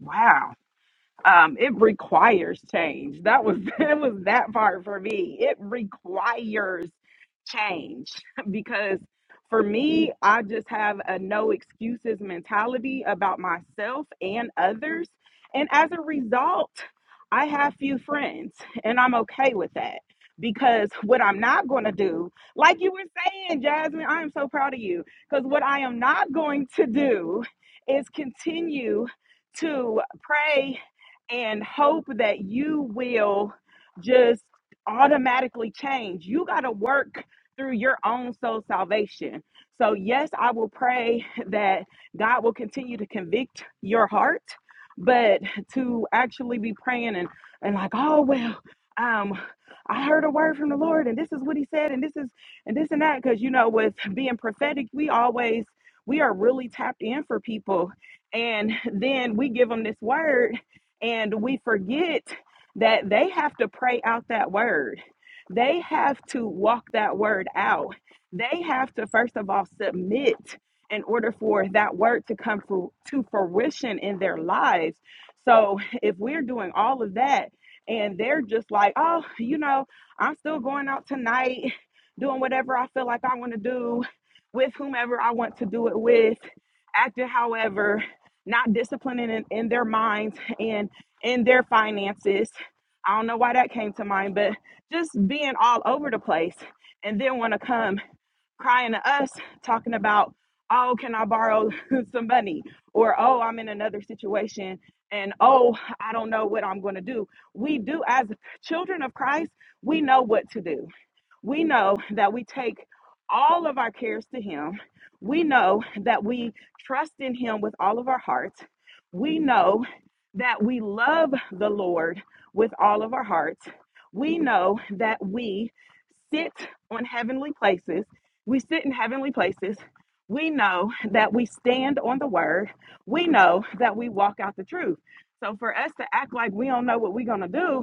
Speaker 1: Wow um it requires change that was that was that part for me it requires change because for me i just have a no excuses mentality about myself and others and as a result i have few friends and i'm okay with that because what i'm not going to do like you were saying jasmine i am so proud of you because what i am not going to do is continue to pray and hope that you will just automatically change. You got to work through your own soul salvation. So, yes, I will pray that God will continue to convict your heart, but to actually be praying and, and like, oh, well, um, I heard a word from the Lord and this is what he said and this is and this and that. Cause you know, with being prophetic, we always, we are really tapped in for people. And then we give them this word and we forget that they have to pray out that word. They have to walk that word out. They have to, first of all, submit in order for that word to come fru- to fruition in their lives. So if we're doing all of that and they're just like, oh, you know, I'm still going out tonight, doing whatever I feel like I want to do with whomever I want to do it with, acting however, not disciplining in, in their minds. and in their finances. I don't know why that came to mind, but just being all over the place and then want to come crying to us talking about, oh, can I borrow some money? Or, oh, I'm in another situation and oh, I don't know what I'm going to do. We do, as children of Christ, we know what to do we know that we take all of our cares to Him. We know that we trust in Him with all of our hearts. We know that we love the Lord with all of our hearts. We know that we sit on heavenly places. We sit in heavenly places. We know that we stand on the word. We know that we walk out the truth. So for us to act like we don't know what we're going to do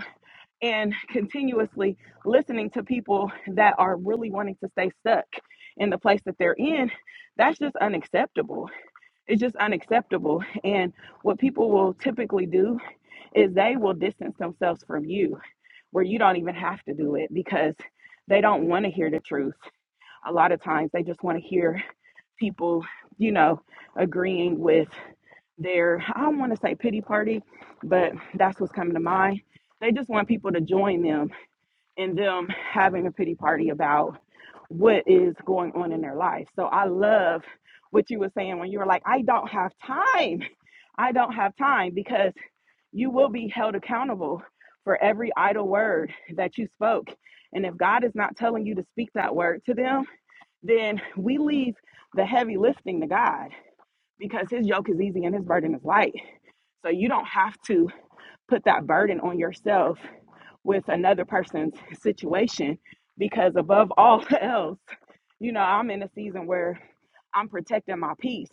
Speaker 1: and continuously listening to people that are really wanting to stay stuck in the place that they're in, that's just unacceptable. It's just unacceptable. And what people will typically do is they will distance themselves from you where you don't even have to do it because they don't want to hear the truth. A lot of times they just want to hear people, you know, agreeing with their, I don't want to say pity party, but that's what's coming to mind. They just want people to join them and them having a pity party about what is going on in their life. So I love what you were saying when you were like, I don't have time. I don't have time because you will be held accountable for every idle word that you spoke. And if God is not telling you to speak that word to them, then we leave the heavy lifting to God because his yoke is easy and his burden is light. So you don't have to put that burden on yourself with another person's situation because above all else, you know, I'm in a season where I'm protecting my peace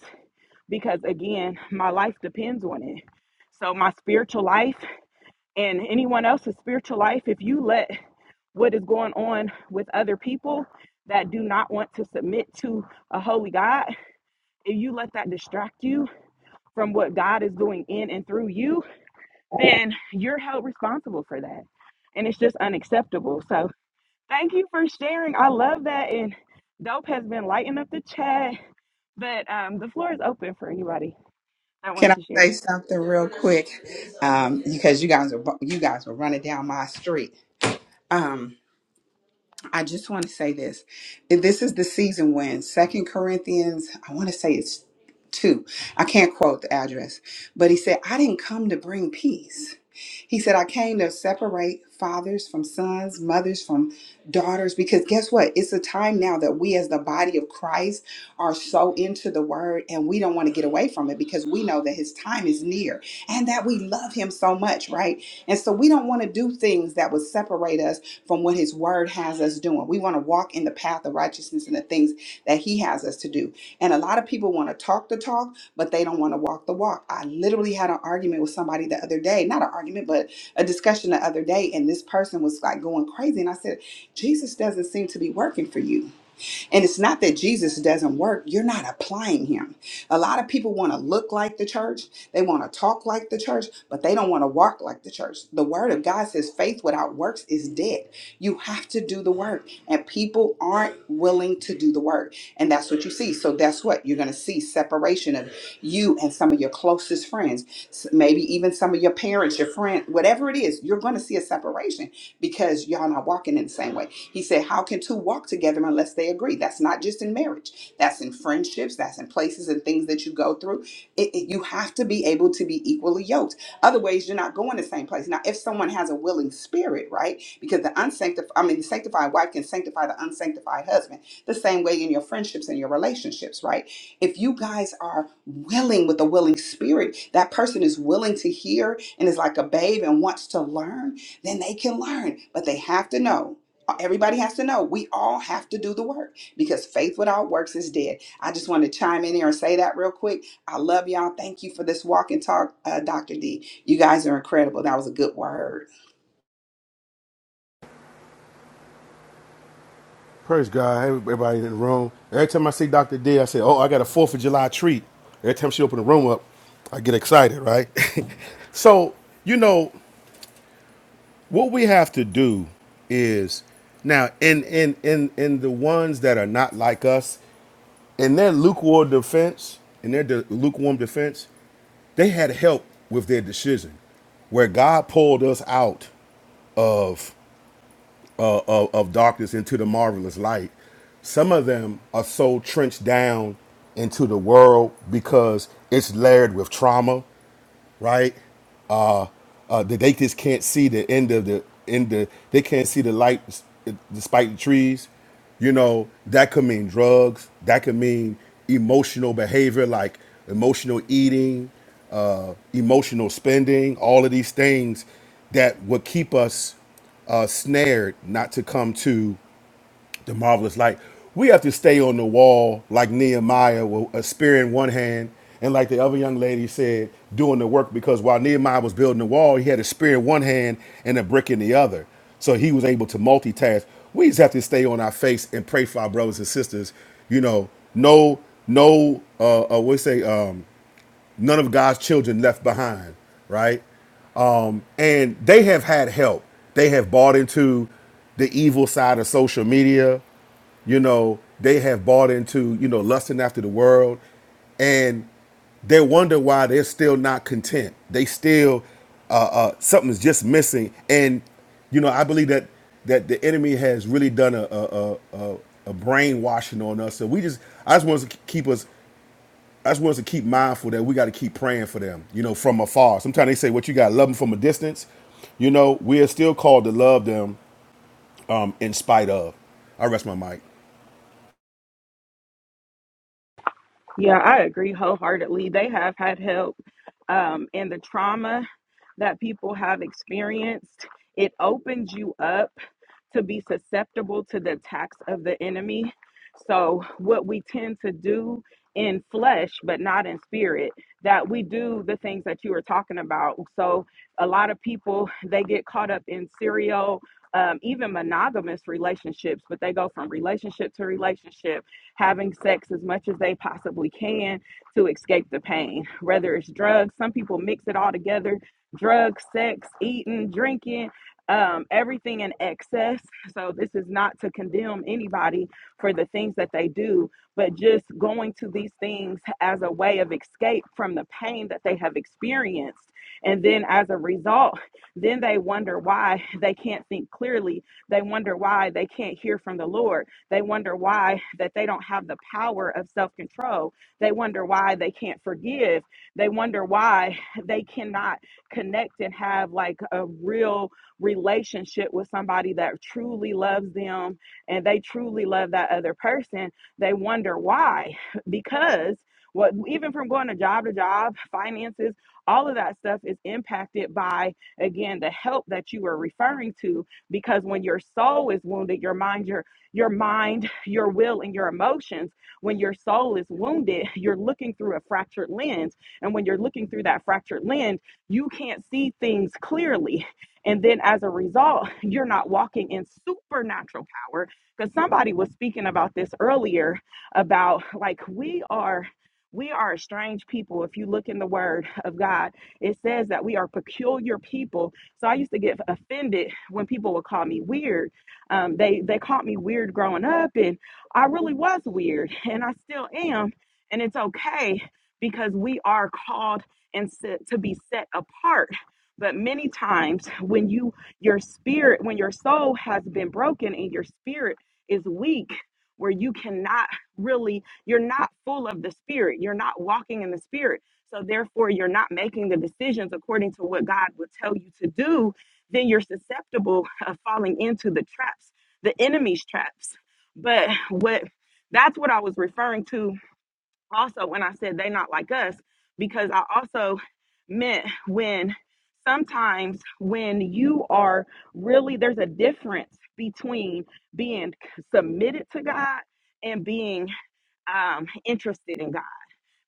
Speaker 1: because again, my life depends on it. So my spiritual life and anyone else's spiritual life, if you let what is going on with other people that do not want to submit to a holy God, if you let that distract you from what God is doing in and through you, then you're held responsible for that. And it's just unacceptable. So Thank you for sharing. I love that. And Dope has been lighting up the chat. But um, the floor is open for anybody that
Speaker 8: Can
Speaker 1: wants
Speaker 8: I
Speaker 1: to share.
Speaker 8: say something real quick? Um, because you guys are bu- you guys were running down my street. Um, I just want to say this. This is the season when Second Corinthians, I want to say it's two. I can't quote the address, but he said, I didn't come to bring peace. He said, I came to separate fathers from sons, mothers from daughters, because guess what? It's a time now that we, as the body of Christ, are so into the word and we don't want to get away from it because we know that his time is near and that we love him so much, right? And so we don't want to do things that would separate us from what His Word has us doing. We want to walk in the path of righteousness and the things that He has us to do. And a lot of people want to talk the talk, but they don't want to walk the walk. I literally had an argument with somebody the other day, not an argument, but a discussion the other day, and this person was like going crazy. And I said, Jesus doesn't seem to be working for you and it's not that Jesus doesn't work, you're not applying him. A lot of people want to look like the church, they want to talk like the church, but they don't want to walk like the church. The word of God says faith without works is dead. You have to do the work, and people aren't willing to do the work. And that's what you see. So that's what you're going to see separation of you and some of your closest friends, s- maybe even some of your parents, your friend, whatever it is, you're going to see a separation because y'all not walking in the same way. He said, How can two walk together unless they agree? That's not just in marriage, that's in friendships, that's in places and things that you go through. It, it- you have to be able to be equally yoked. Otherwise, you're not going the same place. Now, if someone has a willing spirit, right? Because the unsanctified, I mean, the sanctified wife can sanctify the unsanctified husband the same way in your friendships and your relationships, right? If you guys are willing with a willing spirit, that person is willing to hear and is like a babe and wants to learn then they can learn. But they have to know. Everybody has to know. We all have to do the work because faith without works is dead. I just want to chime in here and say that real quick. I love y'all. Thank you for this walk and talk, uh, Dr. D. You guys are incredible. That was a good word.
Speaker 9: Praise God, Hey, everybody in the room. Every time I see Dr. D, I say, oh, I got a 4th of July treat. Every time she open the room up, I get excited, right? so, you know, what we have to do is now in in in in the ones that are not like us, in their lukewarm defense, in their de- lukewarm defense, they had help with their decision where God pulled us out of uh, of, of darkness into the marvelous light. Some of them are so trenched down into the world because it's layered with trauma right? Uh, uh, that they just can't see the end of the end. The they can't see the light despite the trees. You know that could mean drugs. That could mean emotional behavior like emotional eating, uh, emotional spending. All of these things that would keep us uh, snared not to come to the marvelous light. We have to stay on the wall like Nehemiah with a spear in one hand, and like the other young lady said, doing the work because while Nehemiah was building the wall, he had a spear in one hand and a brick in the other. So he was able to multitask. We just have to stay on our face and pray for our brothers and sisters. You know, no, no, uh, uh we say, um, none of God's children left behind, right? and they have had help. They have bought into the evil side of social media you know they have bought into you know lusting after the world and they wonder why they're still not content they still uh, uh something's just missing and you know i believe that that the enemy has really done a a, a, a a brainwashing on us so we just i just want to keep us I just want us to keep mindful that we got to keep praying for them, you know, from afar. Sometimes they say, "What you got? Love them from a distance." You know, we are still called to love them um, in spite of. I rest my mic.
Speaker 1: Yeah, I agree wholeheartedly. They have had help, um, and the trauma that people have experienced, it opens you up to be susceptible to the attacks of the enemy. So, what we tend to do in flesh, but not in spirit, that we do the things that you were talking about. So, a lot of people they get caught up in serial. Um, even monogamous relationships, but they go from relationship to relationship having sex as much as they possibly can to escape the pain. Whether it's drugs, some people mix it all together drugs, sex, eating, drinking, um, everything in excess. So, this is not to condemn anybody for the things that they do, but just going to these things as a way of escape from the pain that they have experienced. And then, as a result, then they wonder why they can't think clearly. They wonder why they can't hear from the Lord they wonder why that they don't have the power of self-control. They wonder why they can't forgive. They wonder why they cannot connect and have like a real relationship with somebody that truly loves them and they truly love that other person. They wonder why because what even from going to job to job, finances, all of that stuff is impacted by again the help that you are referring to because when your soul is wounded your mind your your mind, your will, and your emotions. When your soul is wounded, you're looking through a fractured lens. And when you're looking through that fractured lens, you can't see things clearly. And then as a result, you're not walking in supernatural power. Because somebody was speaking about this earlier about like we are. We are a strange people. If you look in the word of God, it says that we are peculiar people. So I used to get offended when people would call me weird um, they they called me weird growing up, and I really was weird, and I still am, and it's okay because we are called and set, to be set apart. But many times when you your spirit, when your soul has been broken and your spirit is weak, where you cannot really, you're not full of the spirit, you're not walking in the spirit. So therefore, you're not making the decisions according to what God would tell you to do then you're susceptible of falling into the traps, the enemy's traps. But what that's what I was referring to also when I said they not like us, because I also meant when sometimes when you are really there's a difference between being submitted to God and being um, interested in God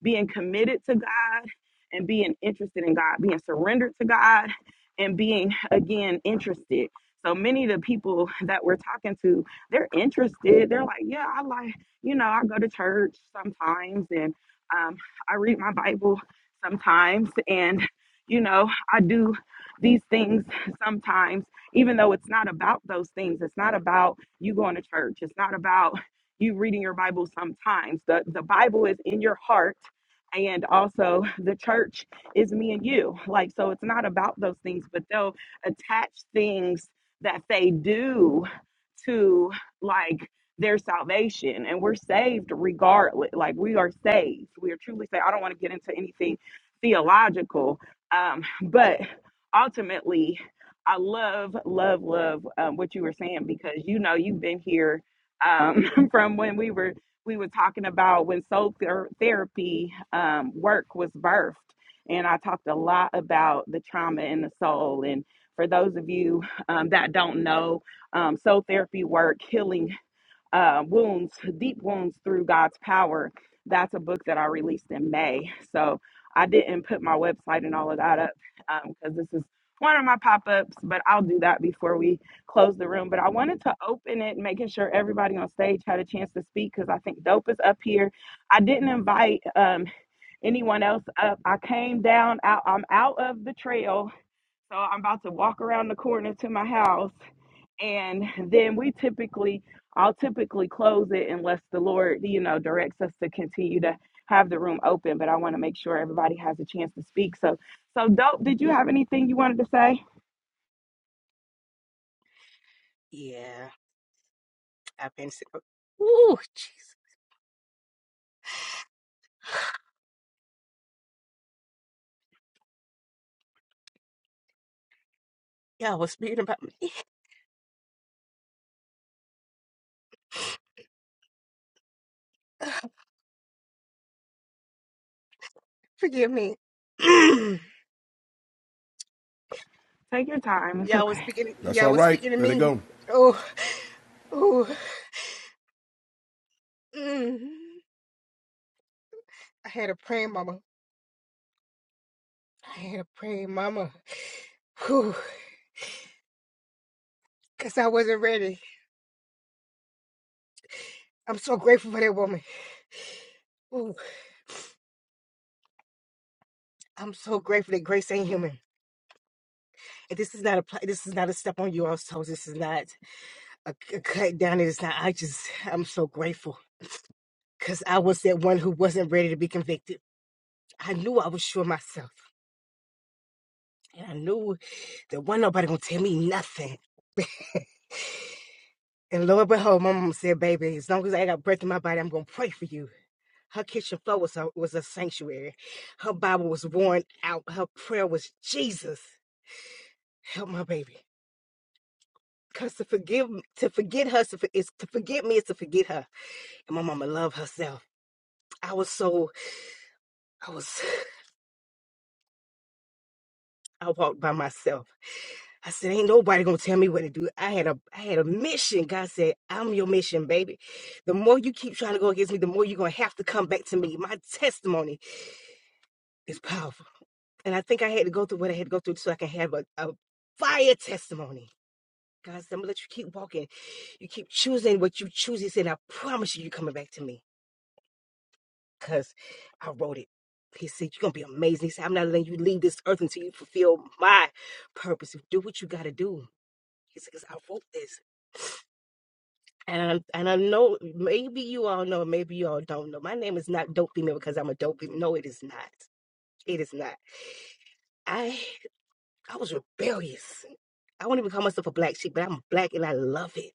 Speaker 1: being committed to God and being interested in God, being surrendered to God and being again interested. So many of the people that we're talking to, they're interested. They're like, yeah, I like, you know, I go to church sometimes and um, I read my Bible sometimes and, you know, I do these things sometimes, even though it's not about those things. It's not about you going to church. It's not about you reading your Bible sometimes. The, the Bible is in your heart and also the church is me and you like so it's not about those things but they'll attach things that they do to like their salvation and we're saved regardless like we are saved we are truly saved i don't want to get into anything theological um but ultimately i love love love um, what you were saying because you know you've been here um from when we were we were talking about when soul ther- therapy um, work was birthed. And I talked a lot about the trauma in the soul. And for those of you um, that don't know, um, soul therapy work, healing uh, wounds, deep wounds through God's power. That's a book that I released in May. So I didn't put my website and all of that up because this is one of my pop ups, but I'll do that before we close the room. But I wanted to open it, making sure everybody on stage had a chance to speak because I think Dope is up here. I didn't invite um, anyone else up. I came down, out, I'm out of the trail. So I'm about to walk around the corner to my house and then we typically i'll typically close it unless the lord you know directs us to continue to have the room open but i want to make sure everybody has a chance to speak so so dope did you have anything you wanted to say
Speaker 6: Yeah, I've been sick. Ooh, jeez. Y'all was speaking about me. Forgive me.
Speaker 1: take your time it's
Speaker 6: y'all was
Speaker 1: okay
Speaker 6: speaking.
Speaker 9: That's
Speaker 6: Y'all
Speaker 9: all
Speaker 6: was
Speaker 9: right.
Speaker 6: speaking to
Speaker 9: Let it
Speaker 6: me.
Speaker 9: go.
Speaker 6: Oh, oh. Mm. I had a praying mama. I had a praying mama. Whew. Cause I wasn't ready. I'm so grateful for that woman. Ooh. I'm so grateful that Grace ain't human. this is not a pla- this is not a step on your toes. This is not a a cut down. It is not. I just I'm so grateful because I was that one who wasn't ready to be convicted. I knew I was sure of myself, and I knew that one nobody gonna tell me nothing. and lo and behold, my mom said, "Baby, as long as I got breath in my body, I'm gonna pray for you." Her kitchen floor was a, was a sanctuary. Her Bible was worn out. Her prayer was Jesus, help my baby. Cause to forgive, to forget her, is to, is to forget me is to forget her. And my mama loved herself. I was so, I was, I walked by myself. I said, ain't nobody gonna tell me what to do. I had a, I had a mission. God said, I'm your mission, baby. The more you keep trying to go against me, the more you're gonna have to come back to me. My testimony is powerful, and I think I had to go through what I had to go through so I can have a, a fire testimony. God said, I'm gonna let you keep walking. You keep choosing what you choose. He said, I promise you, you're coming back to me. because I wrote it. He said, You're going to be amazing. He said, I'm not letting you leave this earth until you fulfill my purpose. Do what you got to do. He said, Because I wrote this. And, I- and I know maybe you all know, maybe you all don't know. My name is not Dope Female because I'm a dope female. No, it is not. It is not. I I was rebellious. I won't even call myself a black sheep, but I'm black and I love it.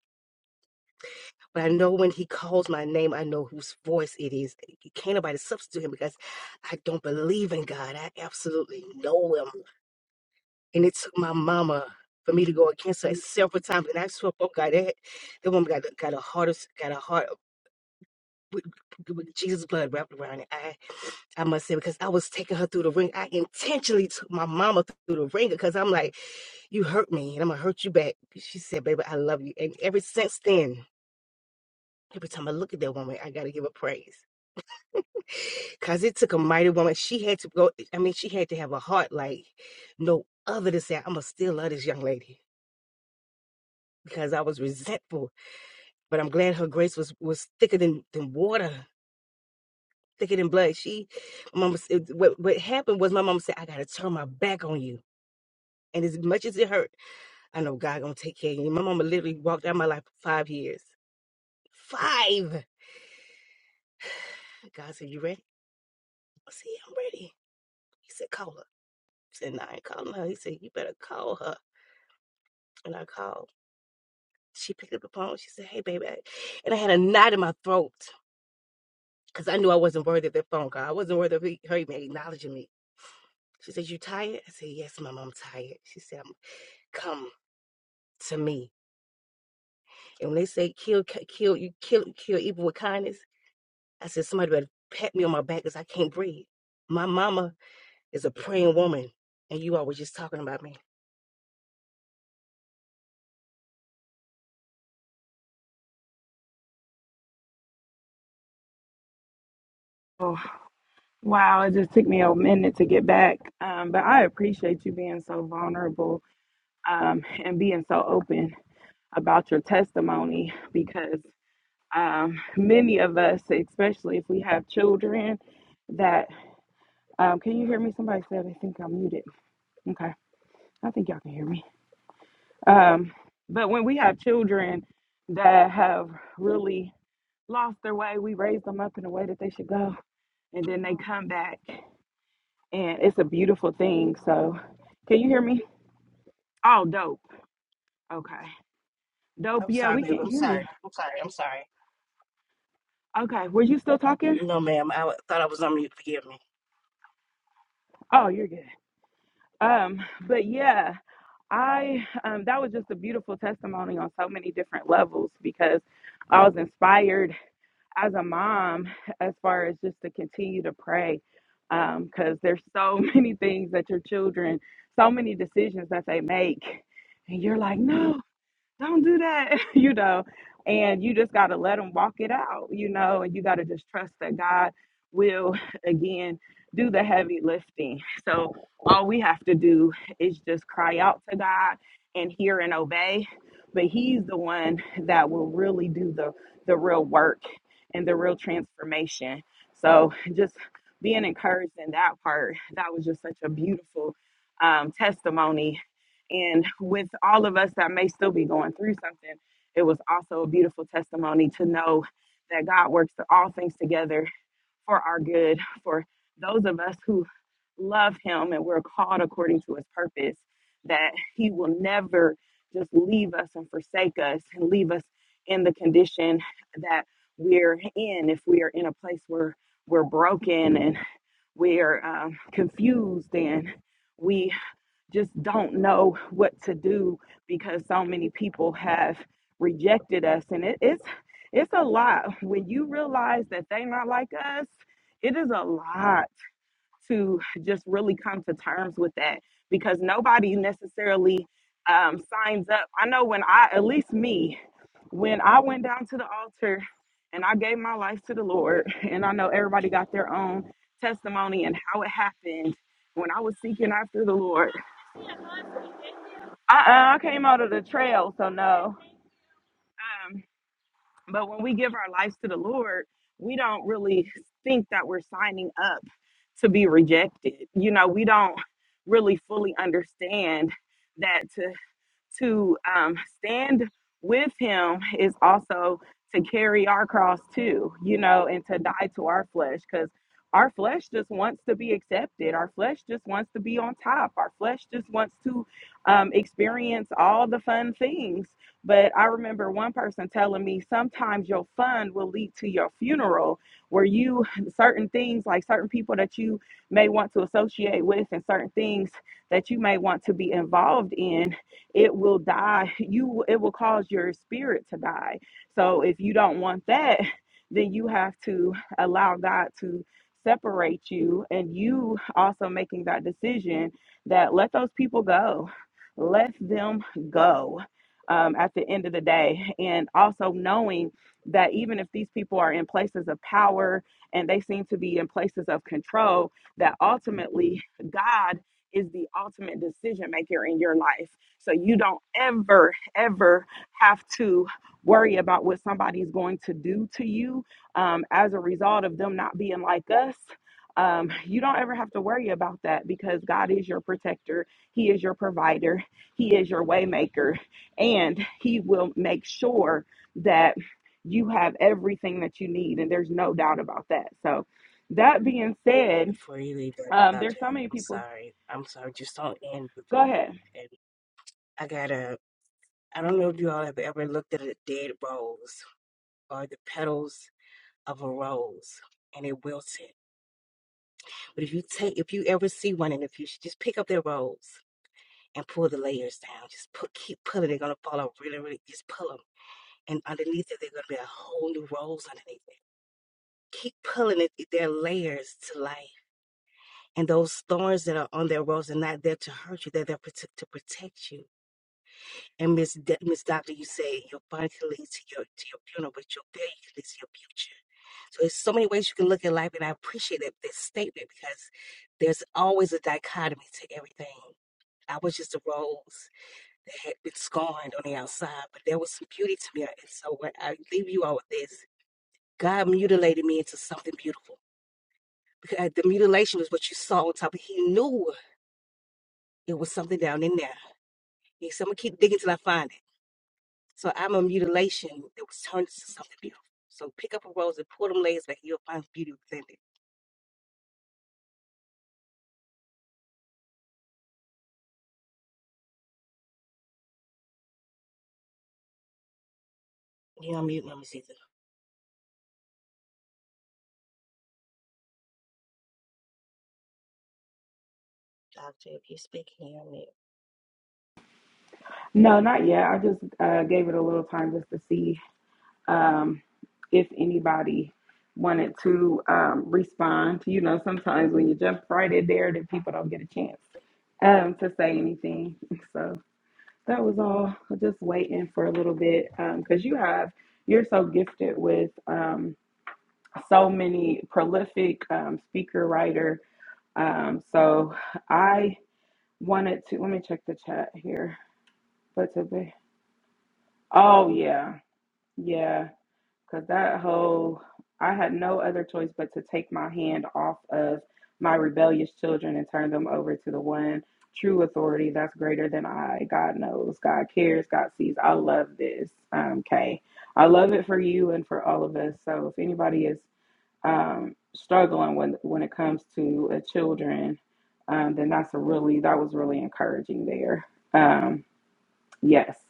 Speaker 6: But I know when he calls my name, I know whose voice it is. You can't nobody substitute him because I don't believe in God. I absolutely know him. And it took my mama for me to go against her several times. And I swear, oh God, that, that woman got, a- got a heart, of- got a heart with, with Jesus' blood wrapped around it. I, I must say, because I was taking her through the ring. I intentionally took my mama through the ring because I'm like, you hurt me and I'm gonna hurt you back. She said, baby, I love you. And ever since then, every time I look at that woman, I gotta give her praise. Cause it took a mighty woman. She had to go, I mean, she had to have a heart like no other to say, I'ma still love this young lady. because I was resentful. But I'm glad her grace was was thicker than than water, thicker than blood. She, my mama, it- what what happened was my mama said, "I gotta turn my back on you." And as much as it hurt, I know God gonna take care of you. My mama literally walked out of my life for five years. Five. God said, "You ready?" I said, "Yeah, I'm ready." He said, "Call her." I said, "No, I ain't calling her." He said, "You better call her." And I called. She picked up the phone. She said, "Hey, baby," and I had a knot in my throat. because I knew I wasn't worthy of that phone call. I wasn't worthy of he- her even acknowledging me. She said, You tired? I said, Yes, mom, I'm tired. She said, "Um, Come to me. And when they say kill, ki- kill, you kill, kill evil with kindness, I said, Somebody better pat me on my back because I can't breathe. My mama is a praying woman, and you all were just talking about me.
Speaker 1: oh wow it just took me a minute to get back um, but i appreciate you being so vulnerable um, and being so open about your testimony because um, many of us especially if we have children that. Um, can you hear me? Somebody said they think I'm muted. Okay, I think y'all can hear me. Um, but when we have children that have really lost their way, we raise them up in a way that they should go, and then they come back, and it's a beautiful thing. So, can you hear me? Oh, dope. Okay, dope.
Speaker 6: I'm
Speaker 1: Yeah,
Speaker 6: sorry,
Speaker 1: we
Speaker 6: baby.
Speaker 1: can't
Speaker 6: I'm
Speaker 1: hear
Speaker 6: sorry.
Speaker 1: you.
Speaker 6: I'm sorry. I'm sorry.
Speaker 1: Okay, were you still talking?
Speaker 6: No, ma'am. I w- thought I was on mute. Forgive me.
Speaker 1: Oh, you're good. Um, but yeah, I um, that was just a beautiful testimony on so many different levels because I was inspired as a mom as far as just to continue to pray um, because there's so many things that your children so many decisions that they make and you're like no don't do that, you know. And you just got to let them walk it out, you know, and you got to just trust that God will, again, do the heavy lifting. So all we have to do is just cry out to God and hear and obey. But He's the one that will really do the, the real work and the real transformation. So just being encouraged in that part, that was just such a beautiful um, testimony and with all of us that may still be going through something, it was also a beautiful testimony to know that God works all things together for our good, for those of us who love Him and we're called according to His purpose, that He will never just leave us and forsake us and leave us in the condition that we're in if we are in a place where we're broken and we're um, confused and we just don't know what to do because so many people have rejected us and it, it's it's a lot when you realize that they not like us it is a lot to just really come to terms with that because nobody necessarily um, signs up i know when i at least me when i went down to the altar and i gave my life to the lord and i know everybody got their own testimony and how it happened when i was seeking after the lord I, uh, I came out of the trail, so no. Um, but when we give our lives to the Lord, we don't really think that we're signing up to be rejected. You know, we don't really fully understand that to to um, stand with him is also to carry our cross too, you know, and to die to our flesh because our flesh just wants to be accepted. Our flesh just wants to be on top. Our flesh just wants to um, experience all the fun things. But I remember one person telling me sometimes your fun will lead to your funeral, where you, certain things like certain people that you may want to associate with and certain things that you may want to be involved in it will die you it will cause your spirit to die so if you don't want that then you have to allow god to separate you and you also making that decision that let those people go let them go um, at the end of the day and also knowing that even if these people are in places of power and they seem to be in places of control that ultimately god is the ultimate decision maker in your life so you don't ever, ever have to worry about what somebody's going to do to you um, as a result of them not being like us. Um, you don't ever have to worry about that because God is your protector. He is your provider. He is your waymaker, and He will make sure that you have everything that you need. And there's no doubt about that. So, that being said,
Speaker 6: Before you leave
Speaker 1: um, there's
Speaker 6: doctor,
Speaker 1: so many
Speaker 6: I'm
Speaker 1: people.
Speaker 6: sorry. I'm sorry. Just don't end. with-
Speaker 1: Go ahead.
Speaker 6: and I gotta. I don't know if you all have ever looked at a dead rose or the petals of a rose and it wilted. But if you take, if you ever see one in the future, just pick up that rose and pull the layers down. Just put, keep pulling. They're gonna fall out really, really. Just pull them, and underneath it, they're gonna be a whole new rose underneath it. Keep pulling it. their layers to life, and those thorns that are on their rose are not there to hurt you. They're there to protect you. And Miss D- Miss Doctor, you say your body can lead to your to your funeral, but your bed can lead to your future. So there's so many ways you can look at life, and I appreciate that this statement because there's always a dichotomy to everything. I was just a rose that had been scorned on the outside, but there was some beauty to me. And so when I leave you all with this, God mutilated me into something beautiful. Because uh, the mutilation was what you saw on top. He knew it was something down in there. He said, I'm gonna keep digging till I find it. So I'm a mutilation that was turned into something beautiful. So pick up a rose and pull them layers back. You'll find beauty within it. You unmute, Mama Caesar. Doctor, if you're speaking, you unmute.
Speaker 1: No, not yet. I just uh, gave it a little time just to see um, if anybody wanted to um, respond. You know, sometimes when you jump right in there, then people don't get a chance um, to say anything. So that was all. Just waiting for a little bit because you have you're so gifted with um, so many prolific um, speaker writer. Um, so I wanted to let me check the chat here. But to be, oh yeah. Yeah, because that whole, I had no other choice but to take my hand off of my rebellious children and turn them over to the one true authority that's greater than I. God knows, God cares, God sees. I love this, um, Kay. I love it for you and for all of us. So if anybody is um, struggling when when it comes to uh, children, um, then that's a really that was really encouraging there. Um, yes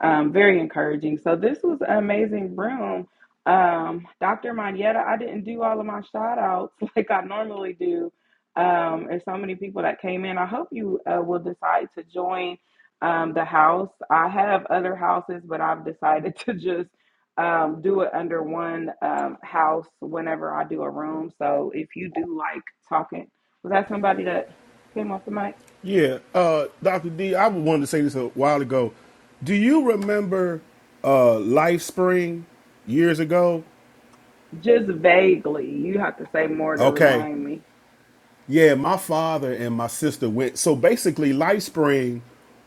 Speaker 1: um, very encouraging. So this was an amazing room. Um, Dr. Manietta, I didn't do all of my shout outs like I normally do. Um, there's so many people that came in. I hope you uh, will decide to join um, the house. I have other houses, but I've decided to just um, do it under one um, house whenever I do a room. So if you do like talking, was that somebody that came off the mic?
Speaker 9: Yeah, uh, Doctor D, I wanted to say this a while ago. Do you remember uh, Life Spring years ago?
Speaker 1: Just vaguely, you have to say more to
Speaker 9: Okay,
Speaker 1: remind me.
Speaker 9: yeah, my father and my sister went. So basically, Life Spring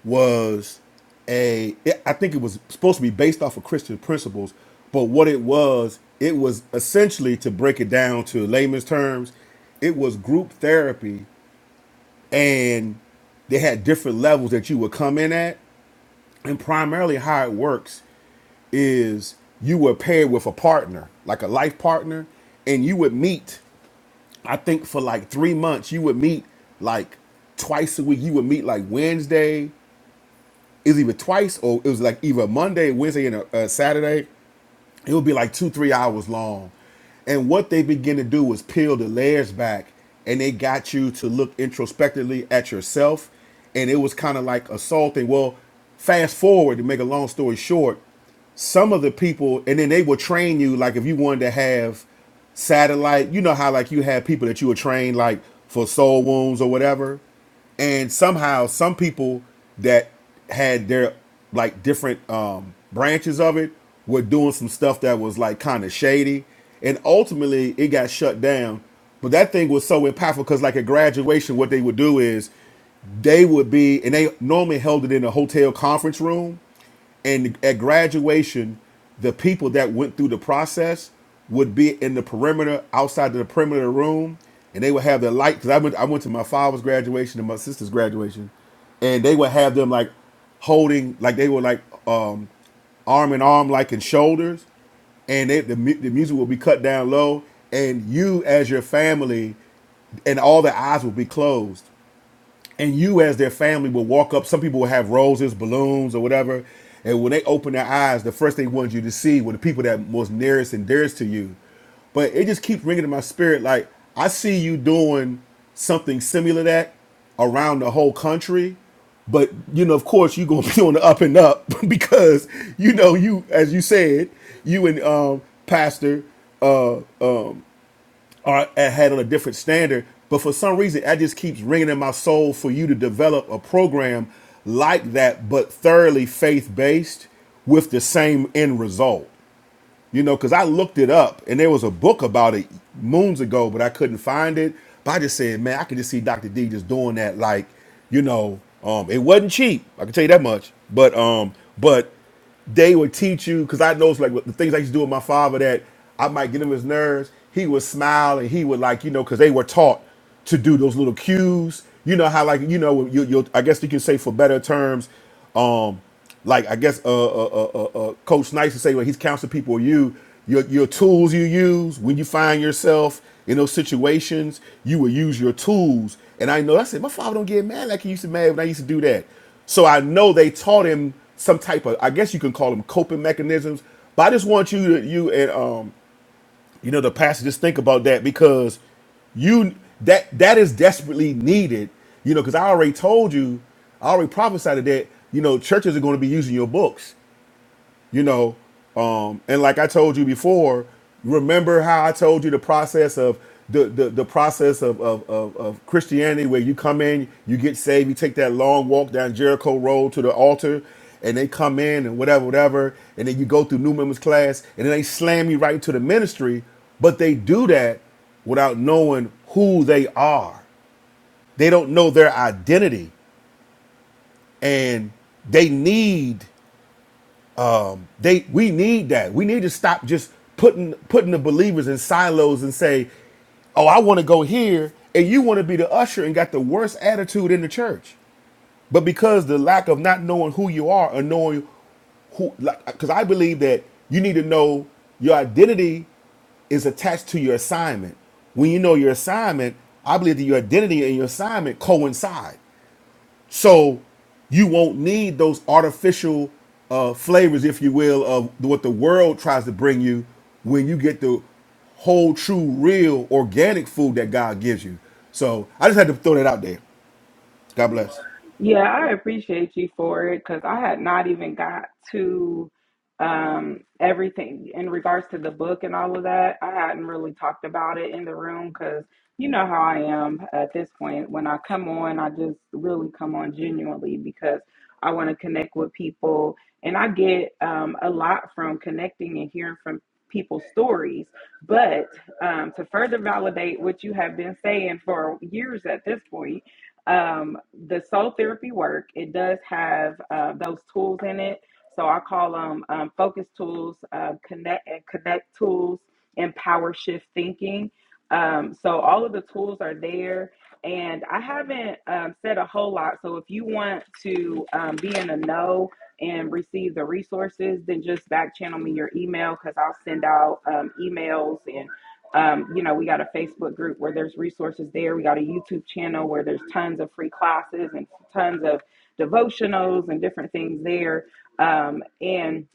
Speaker 9: was a. It, I think it was supposed to be based off of Christian principles, but what it was, it was essentially to break it down to layman's terms, it was group therapy, and they had different levels that you would come in at. And primarily, how it works is you were paired with a partner, like a life partner, and you would meet. I think for like three months, you would meet like twice a week. You would meet like Wednesday, is either twice or it was like either Monday, Wednesday, and a, a Saturday it would be like two three hours long and what they begin to do is peel the layers back and they got you to look introspectively at yourself and it was kind of like assaulting well fast forward to make a long story short some of the people and then they would train you like if you wanted to have satellite you know how like you have people that you would train like for soul wounds or whatever and somehow some people that had their like different um branches of it were doing some stuff that was like kind of shady and ultimately it got shut down but that thing was so impactful because like at graduation what they would do is they would be and they normally held it in a hotel conference room and at graduation, the people that went through the process would be in the perimeter, outside of the perimeter of the room, and they would have their light. Because I went, I went to my father's graduation and my sister's graduation, and they would have them like holding, like they were like um, arm in arm, like in shoulders, and they, the mu- the music will be cut down low, and you as your family and all the eyes will be closed and you as their family will walk up. Some people will have roses, balloons, or whatever. And when they open their eyes, the first they wanted you to see were the people that was nearest and dearest to you. But it just keeps ringing in my spirit. Like I see you doing something similar to that around the whole country. But you know, of course, you're gonna be on the up and up because you know you, as you said, you and um, Pastor uh or I had on a different standard. But for some reason, that just keeps ringing in my soul for you to develop a program like that, but thoroughly faith based with the same end result. You know, because I looked it up and there was a book about it moons ago, but I couldn't find it. But I just said, man, I could just see Dr. D just doing that. Like, you know, um, it wasn't cheap. I can tell you that much. But, um, but they would teach you because I know it's like the things I used to do with my father that I might get him his nerves. He would smile and he would like you know because they were taught to do those little cues. You know how like you know you you I guess you can say for better terms um, like I guess uh, uh, uh, uh, uh, Coach Nice would say when he's counseling people, you your your tools you use when you find yourself in those situations, you will use your tools. And I know I said my father don't get mad like he used to mad when I used to do that. So I know they taught him some type of I guess you can call them coping mechanisms. But I just want you to you and um you know, the pastor, just think about that because you that that is desperately needed. You know, because I already told you, I already prophesied that. You know, churches are going to be using your books you know um, and like i told you before remember how i told you the process of the, the, the process of, of, of, of christianity where you come in you get saved you take that long walk down jericho road to the altar and they come in and whatever whatever and then you go through new members class and then they slam you right into the ministry but they do that without knowing who they are they don't know their identity and they need They we need that. We need to stop just putting putting the believers in silos and say, "Oh, I want to go here," and you want to be the usher and got the worst attitude in the church. But because the lack of not knowing who you are or knowing who like because I believe that you need to know your identity is attached to your assignment. When you know your assignment, I believe that your identity and your assignment coincide. So you won't need those artificial uh, flavors, if you will, of what the world tries to bring you when you get the whole, true, real, organic food that God gives you. So I just had to throw that out there. God bless.
Speaker 1: Yeah, I appreciate you for it because I had not even got to um, everything in regards to the book and all of that. I hadn't really talked about it in the room because you know how I am at this point. When I come on, I just really come on genuinely because I want to connect with people. And I get um, a lot from connecting and hearing from people's stories. But um, to further validate what you have been saying for years at this point, um, the soul therapy work it does have uh, those tools in it so i call them um, focus tools uh, connect and connect tools and power shift thinking um, so all of the tools are there and i haven't um, said a whole lot so if you want to um, be in a know and receive the resources then just back channel me your email because i'll send out um, emails and um, you know, we got a Facebook group where there's resources there. We got a YouTube channel where there's tons of free classes and tons of devotionals and different things there. Um, and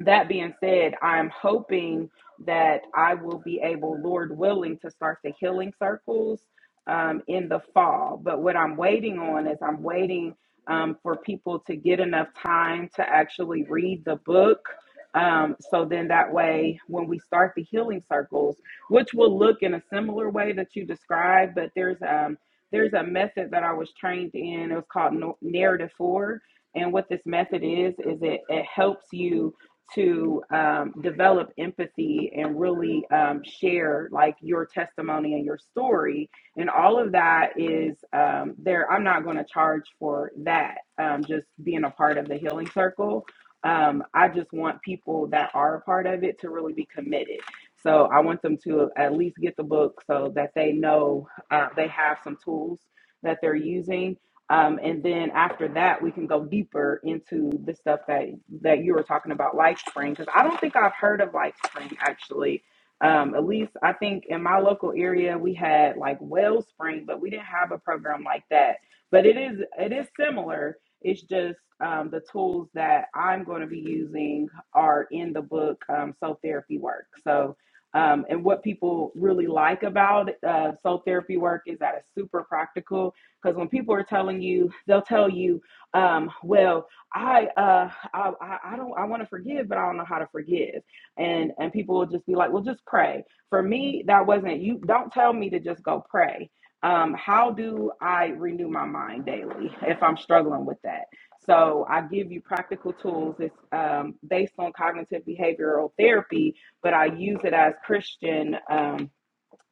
Speaker 1: that being said, I'm hoping that I will be able, Lord willing, to start the healing circles um, in the fall. But what I'm waiting on is I'm waiting um, for people to get enough time to actually read the book. Um, so then that way, when we start the healing circles, which will look in a similar way that you described. But there's um there's a method that I was trained in. It was called no- narrative four, and what this method is is it it helps you to um, develop empathy and really um, share like your testimony and your story and all of that is um, there i'm not going to charge for that um, just being a part of the healing circle um, i just want people that are a part of it to really be committed so I want them to at least get the book so that they know uh, they have some tools that they're using. Um, and then after that, we can go deeper into the stuff that that you were talking about, LifeSpring, because I don't think I've heard of LifeSpring actually. Um, at least I think in my local area we had like Wellspring, but we didn't have a program like that. But it is it is similar. It's just um, the tools that I'm going to be using are in the book um, So Therapy Work. So um, and what people really like about uh, soul therapy work is that it's super practical because when people are telling you, they'll tell you, um, well, I, uh, I, I don't, I want to forgive, but I don't know how to forgive. And, and people will just be like, well, just pray. For me, that wasn't, you don't tell me to just go pray. Um, how do I renew my mind daily if I'm struggling with that? So I give you practical tools. It's um, based on cognitive behavioral therapy, but I use it as Christian um,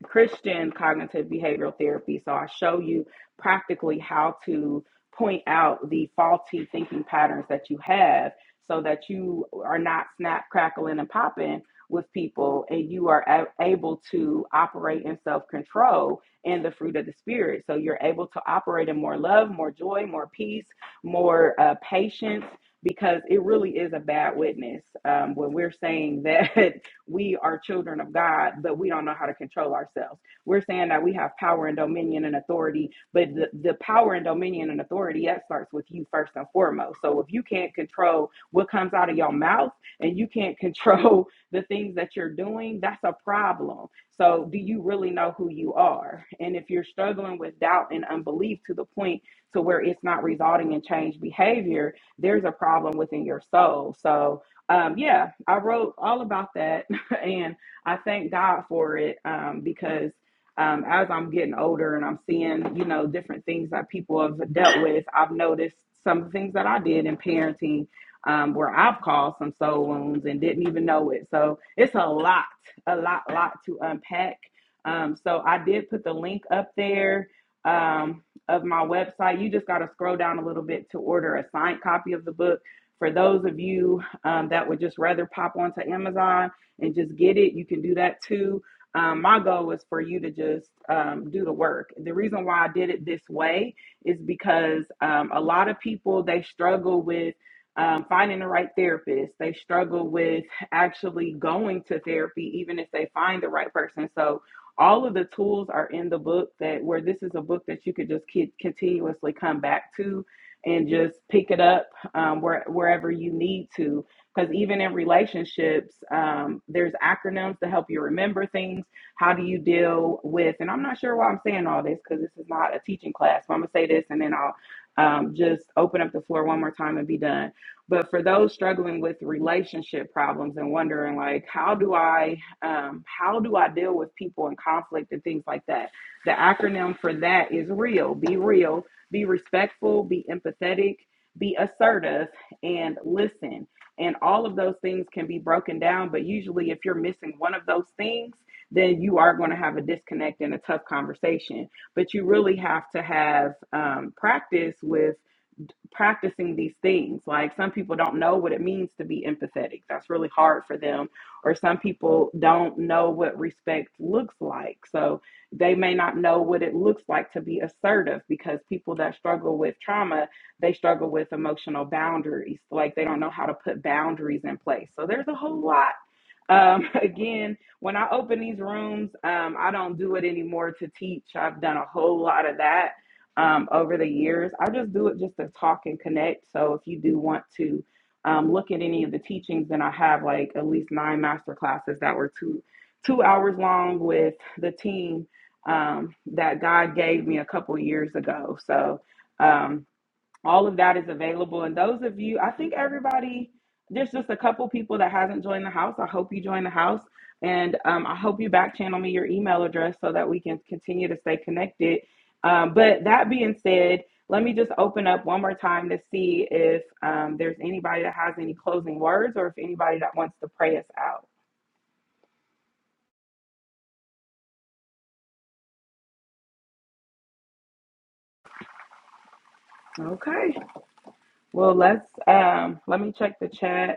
Speaker 1: Christian cognitive behavioral therapy. So I show you practically how to point out the faulty thinking patterns that you have, so that you are not snap crackling and popping with people, and you are able to operate in self control and the fruit of the spirit. So you're able to operate in more love, more joy, more peace, more uh, patience because it really is a bad witness um, when we're saying that we are children of God, but we don't know how to control ourselves. We're saying that we have power and dominion and authority, but the, the power and dominion and authority that starts with you first and foremost. So if you can't control what comes out of your mouth and you can't control the things that you're doing, that's a problem. So do you really know who you are? And if you're struggling with doubt and unbelief to the point to where it's not resulting in changed behavior, there's a problem within your soul. So um, yeah, I wrote all about that and I thank God for it um, because um, as I'm getting older and I'm seeing, you know, different things that people have dealt with, I've noticed some things that I did in parenting um, where I've caused some soul wounds and didn't even know it. So it's a lot, a lot, lot to unpack. Um, so I did put the link up there um, of my website. You just got to scroll down a little bit to order a signed copy of the book. For those of you um, that would just rather pop onto Amazon, and just get it. You can do that too. Um, my goal is for you to just um, do the work. The reason why I did it this way is because um, a lot of people they struggle with um, finding the right therapist. They struggle with actually going to therapy, even if they find the right person. So all of the tools are in the book that where this is a book that you could just keep continuously come back to and just pick it up um, where, wherever you need to because even in relationships, um, there's acronyms to help you remember things. How do you deal with, and I'm not sure why I'm saying all this because this is not a teaching class, but I'm going to say this and then I'll um, just open up the floor one more time and be done. But for those struggling with relationship problems and wondering, like, how do I, um, how do I deal with people in conflict and things like that? The acronym for that is REAL. Be real, be respectful, be empathetic, be assertive, and listen. And all of those things can be broken down, but usually, if you're missing one of those things, then you are going to have a disconnect and a tough conversation. But you really have to have um, practice with practicing these things. Like some people don't know what it means to be empathetic. That's really hard for them. Or some people don't know what respect looks like. So they may not know what it looks like to be assertive because people that struggle with trauma, they struggle with emotional boundaries. Like they don't know how to put boundaries in place. So there's a whole lot um, again, when I open these rooms, um, I don't do it anymore to teach. I've done a whole lot of that um, over the years. I just do it just to talk and connect. So if you do want to um, look at any of the teachings, then I have like at least nine master classes that were two two hours long with the team um, that God gave me a couple years ago. So. Um, all of that is available and those of you i think everybody there's just a couple people that hasn't joined the house i hope you join the house and um, i hope you back channel me your email address so that we can continue to stay connected um, but that being said let me just open up one more time to see if um, there's anybody that has any closing words or if anybody that wants to pray us out okay well let's um, let me check the chat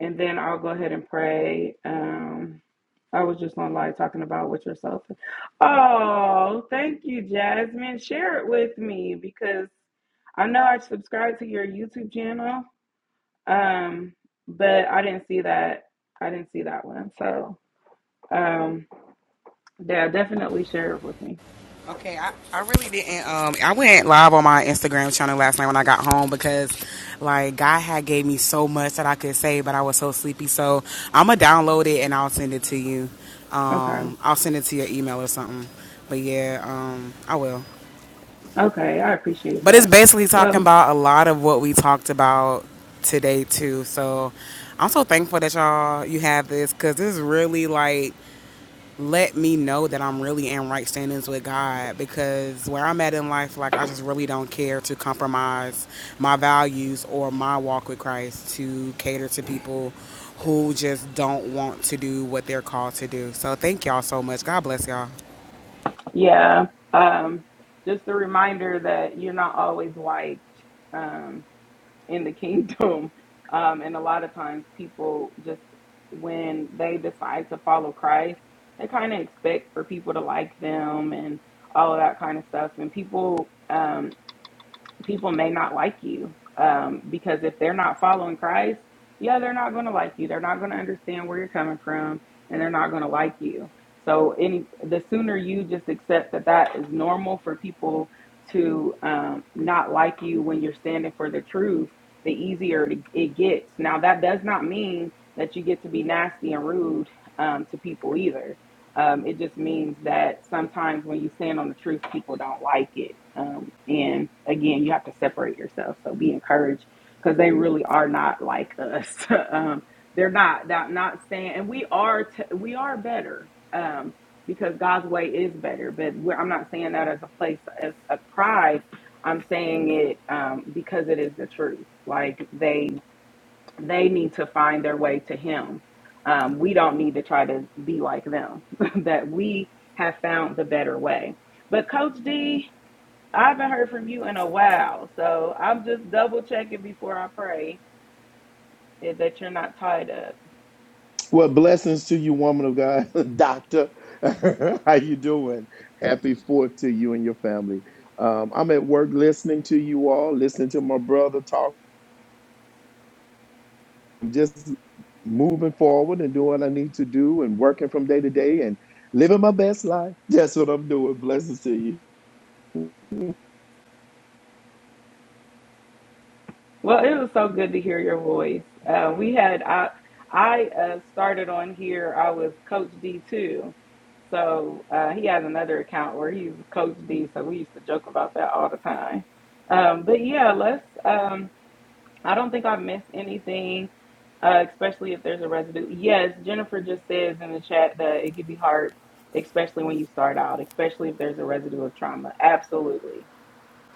Speaker 1: and then I'll go ahead and pray. Um, I was just on live talking about with yourself. Oh, thank you, Jasmine. Share it with me because I know I subscribed to your YouTube channel, um, but I didn't see that. I didn't see that one. So, um, yeah, definitely share it with me.
Speaker 7: Okay, I, I really didn't. Um, I went live on my Instagram channel last night when I got home because, like, God had gave me so much that I could say, but I was so sleepy. So I'm gonna download it and I'll send it to you.
Speaker 1: Okay.
Speaker 7: Um, I'll send it to your email or something. But yeah, um, I will.
Speaker 1: Okay. I appreciate
Speaker 7: But it's
Speaker 1: that.
Speaker 7: basically talking
Speaker 1: Well,
Speaker 7: about a lot of what we talked about today too. So I'm so thankful that y'all you have this because this is really like let me know that I'm really in right standings with God because where I'm at in life, like I just really don't care to compromise my values or my walk with Christ to cater to people who just don't want to do what they're called to do. So thank y'all so much. God bless y'all.
Speaker 1: yeah. Um, just a reminder that you're not always liked. Um, in the kingdom. Um, and a lot of times people just, when they decide to follow Christ, they kind of expect for people to like them and all of that kind of stuff. And people, um, people may not like you um, because if they're not following Christ, yeah, they're not going to like you. They're not going to understand where you're coming from, and they're not going to like you. So, any the sooner you just accept that that is normal for people to um, not like you when you're standing for the truth, the easier it it gets. Now, that does not mean that you get to be nasty and rude um, to people either um, it just means that sometimes when you stand on the truth, people don't like it. Um, and again, you have to separate yourself. So be encouraged because they really are not like us. um, they're not, not not saying, and we are t- we are better um, because God's way is better. But we're, I'm not saying that as a place of, of pride. I'm saying it um, because it is the truth. Like they they need to find their way to him um, we don't need to try to be like them that we have found the better way but coach d i haven't heard from you in a while so i'm just double checking before i pray eh, that you're not tied up
Speaker 10: Well, blessings to you, woman of God, doctor. How you doing? Happy Fourth to you and your family. Um, I'm at work listening to you all, listening to my brother talk. I'm just moving forward and doing what I need to do, and working from day to day, and living my best life. That's what I'm doing. Blessings to you.
Speaker 1: Well, it was so good to hear your voice. Uh, we had I I uh, started on here. I was Coach D too, so uh, he has another account where he's Coach D. So we used to joke about that all the time. Um, but yeah, let's. Um, I don't think I missed anything, uh, especially if there's a residue. Yes, Jennifer just says in the chat that it could be hard, especially when you start out, especially if there's a residue of trauma. Absolutely.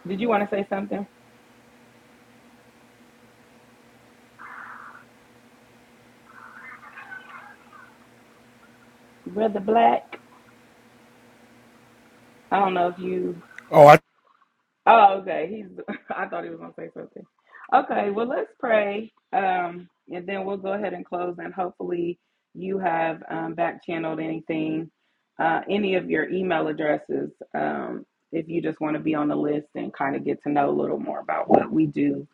Speaker 1: Did you want to say something, Brother Black? I don't know if you
Speaker 9: Oh, I.
Speaker 1: Oh, okay. He's. I thought he was gonna say something. Okay. Well, let's pray, um, and then we'll go ahead and close. And hopefully, you have um, back channeled anything, uh, any of your email addresses, um, if you just want to be on the list and kind of get to know a little more about what we do.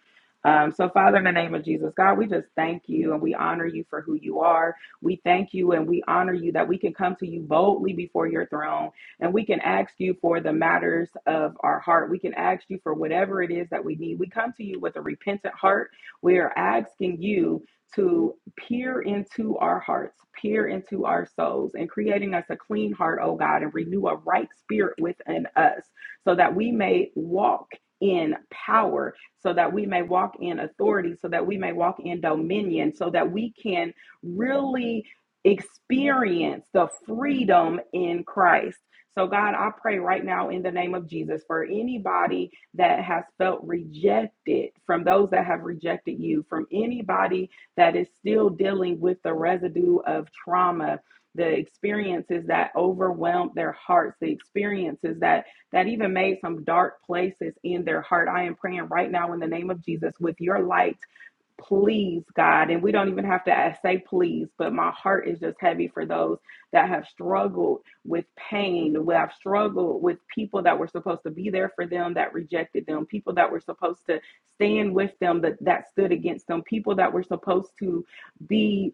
Speaker 1: Um, so, Father, in the name of Jesus, God, we just thank you and we honor you for who you are. We thank you and we honor you that we can come to you boldly before your throne and we can ask you for the matters of our heart. We can ask you for whatever it is that we need. We come to you with a repentant heart. We are asking you to peer into our hearts, peer into our souls, and creating us a clean heart, oh God, and renew a right spirit within us so that we may walk. In power, so that we may walk in authority, so that we may walk in dominion, so that we can really experience the freedom in Christ so, God, I pray right now in the name of Jesus for anybody that has felt rejected from those that have rejected you, from anybody that is still dealing with the residue of trauma. The experiences that overwhelmed their hearts, the experiences that that even made some dark places in their heart. I am praying right now in the name of Jesus with your light please god and we don't even have to ask, say please but my heart is just heavy for those that have struggled with pain we have struggled with people that were supposed to be there for them that rejected them people that were supposed to stand with them that, that stood against them people that were supposed to be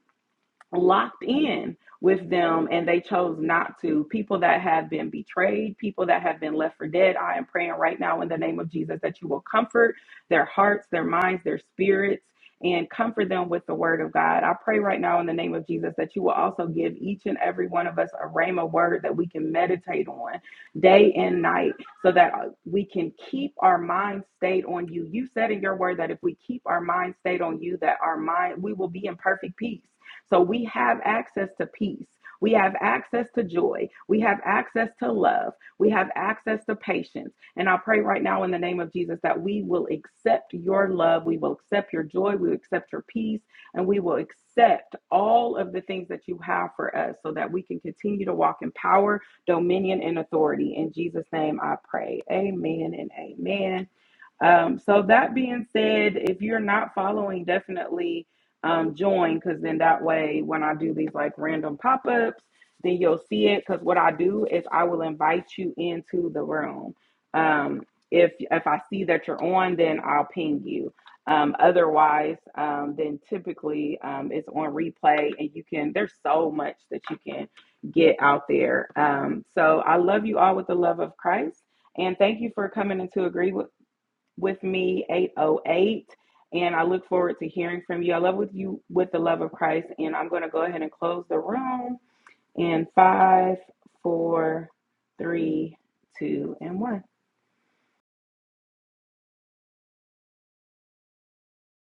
Speaker 1: locked in with them and they chose not to. People that have been betrayed, people that have been left for dead, I am praying right now in the name of Jesus that you will comfort their hearts, their minds, their spirits. And comfort them with the word of God. I pray right now in the name of Jesus that you will also give each and every one of us a rhema word that we can meditate on day and night so that uh, we can keep our mind stayed on you. You said in your word that if we keep our mind stayed on you, that our mind, we will be in perfect peace so we have access to peace. We have access to joy. We have access to love. We have access to patience. And I pray right now in the name of Jesus that we will accept your love. We will accept your joy. We will accept your peace. And we will accept all of the things that you have for us so that we can continue to walk in power, dominion, and authority. In Jesus' name I pray. Amen and amen. Um, so that being said, if you're not following, definitely um, join because then that way, when I do these like random pop ups, then you'll see it. Because what I do is I will invite you into the room. Um, if if I see that you're on, then I'll ping you. Um, otherwise, um, then typically um, it's on replay, and you can. There's so much that you can get out there. Um, so I love you all with the love of Christ. And thank you for coming into agree with with me, 808. And I look forward to hearing from you. I love with you with the love of Christ. And I'm going to go ahead and close the room in five, four, three, two, and one.